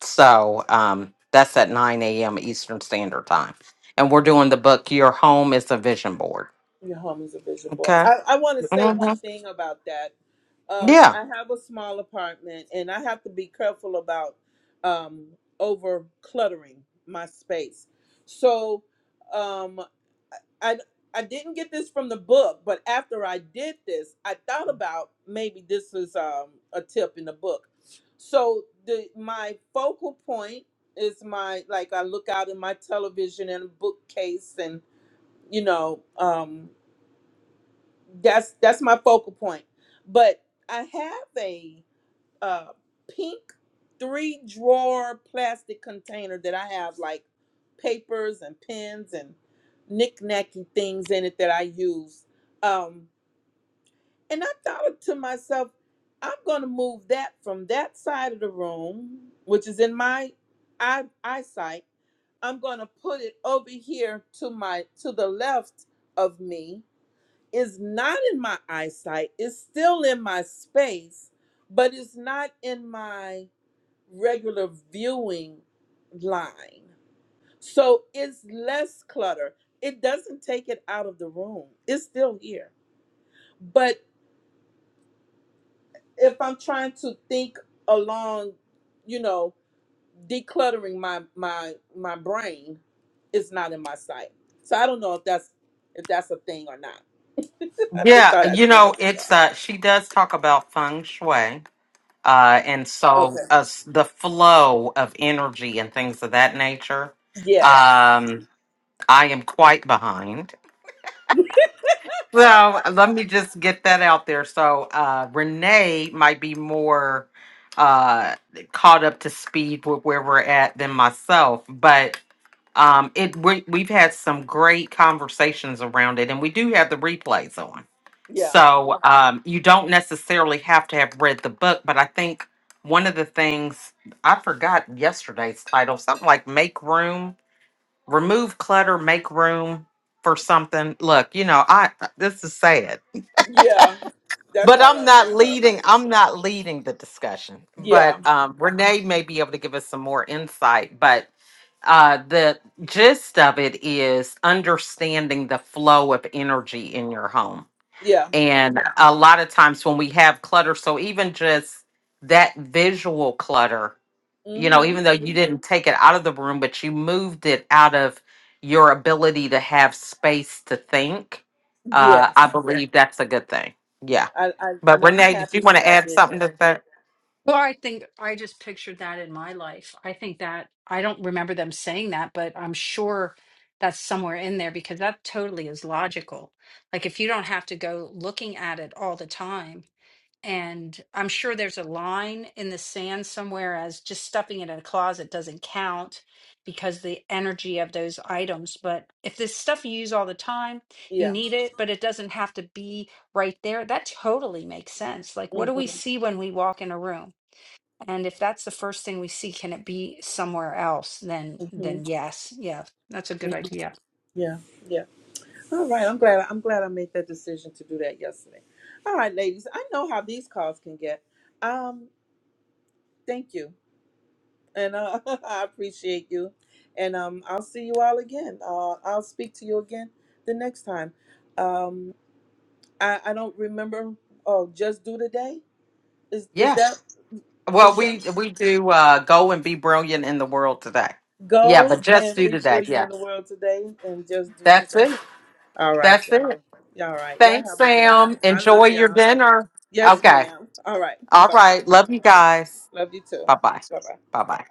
So um, that's at nine a.m. Eastern Standard Time, and we're doing the book "Your Home Is a Vision Board." Your home is a vision board. Okay. I, I want to say one Mhm. thing about that. Um, Yeah, I have a small apartment, and I have to be careful about um, over cluttering my space. So um, I I didn't get this from the book, but after I did this, I thought about maybe this is um, a tip in the book. So the my focal point is my like I look out in my television and bookcase and you know. Um, that's that's my focal point but i have a uh pink three drawer plastic container that i have like papers and pens and knickknacky things in it that i use um and i thought to myself i'm going to move that from that side of the room which is in my eye, eyesight i'm going to put it over here to my to the left of me is not in my eyesight, it's still in my space, but it's not in my regular viewing line. So it's less clutter. It doesn't take it out of the room, it's still here. But if I'm trying to think along, you know, decluttering my my my brain, it's not in my sight. So I don't know if that's if that's a thing or not. [laughs] I just yeah. thought I'd You share know, that with it's uh, she does talk about feng shui. Uh, and y'all. so Okay. uh, s- the flow of energy and things of that nature. Yes. Yeah. Um, I am quite behind [laughs] Well, let me just get that out there. So, uh, Renee might be more uh, caught up to speed with where we're at than myself, but um, it we, we've had some great conversations around it, and we do have the replays on. Yeah. So, um, you don't necessarily have to have read the book, but I think one of the things I forgot yesterday's title, something like "Make Room." remove clutter, make room for something. Look, you know, I uh, this is sad. Yeah. That's But all I'm right, not Michelle. leading I'm not leading the discussion. Yeah. But um Renee may be able to give us some more insight, but uh the gist of it is understanding the flow of energy in your home. Yeah. And Yeah. a lot of times when we have clutter, so even just that visual clutter you know, Mm-hmm. even though you didn't take it out of the room, but you moved it out of your ability to have space to think, uh, Yes. I believe that's a good thing. Yeah. I, I But and I'm Renee, did happy you want that to I add did something that. to that? Well, I think I just pictured that in my life. I think that I don't remember them saying that, but I'm sure that's somewhere in there because that totally is logical. Like if you don't have to go looking at it all the time, And I'm sure there's a line in the sand somewhere as just stuffing it in a closet doesn't count because the energy of those items. But if this stuff you use all the time, you Yeah. need it, but it doesn't have to be right there, that totally makes sense. Like, what do we Mm-hmm. see when we walk in a room? And if that's the first thing we see, can it be somewhere else? Then, hmm then yes, yeah, that's a hmm good idea. Yeah. Yeah. All right. I'm glad I'm glad I made that decision to do that yesterday. All right, ladies. I know how these calls can get. Um, thank you. And uh, [laughs] I appreciate you. And um I'll see you all again. Uh I'll speak to you again the next time. Um. I, I don't remember. Oh, just do today. Is is Yeah. that Well, Lucille? we we do uh, go and be brilliant in the world today. Yeah, Go but just and do be today. brilliant Yeah, in the world today, and just do that's today. it. All right That's then. it. All right. Y'all Thanks, have a good night. Sam. I Enjoy love your y'all. dinner. Yes, Okay. ma'am. All right. All Bye bye. right. Love you guys. Love you too. Bye bye. Bye bye. Bye bye.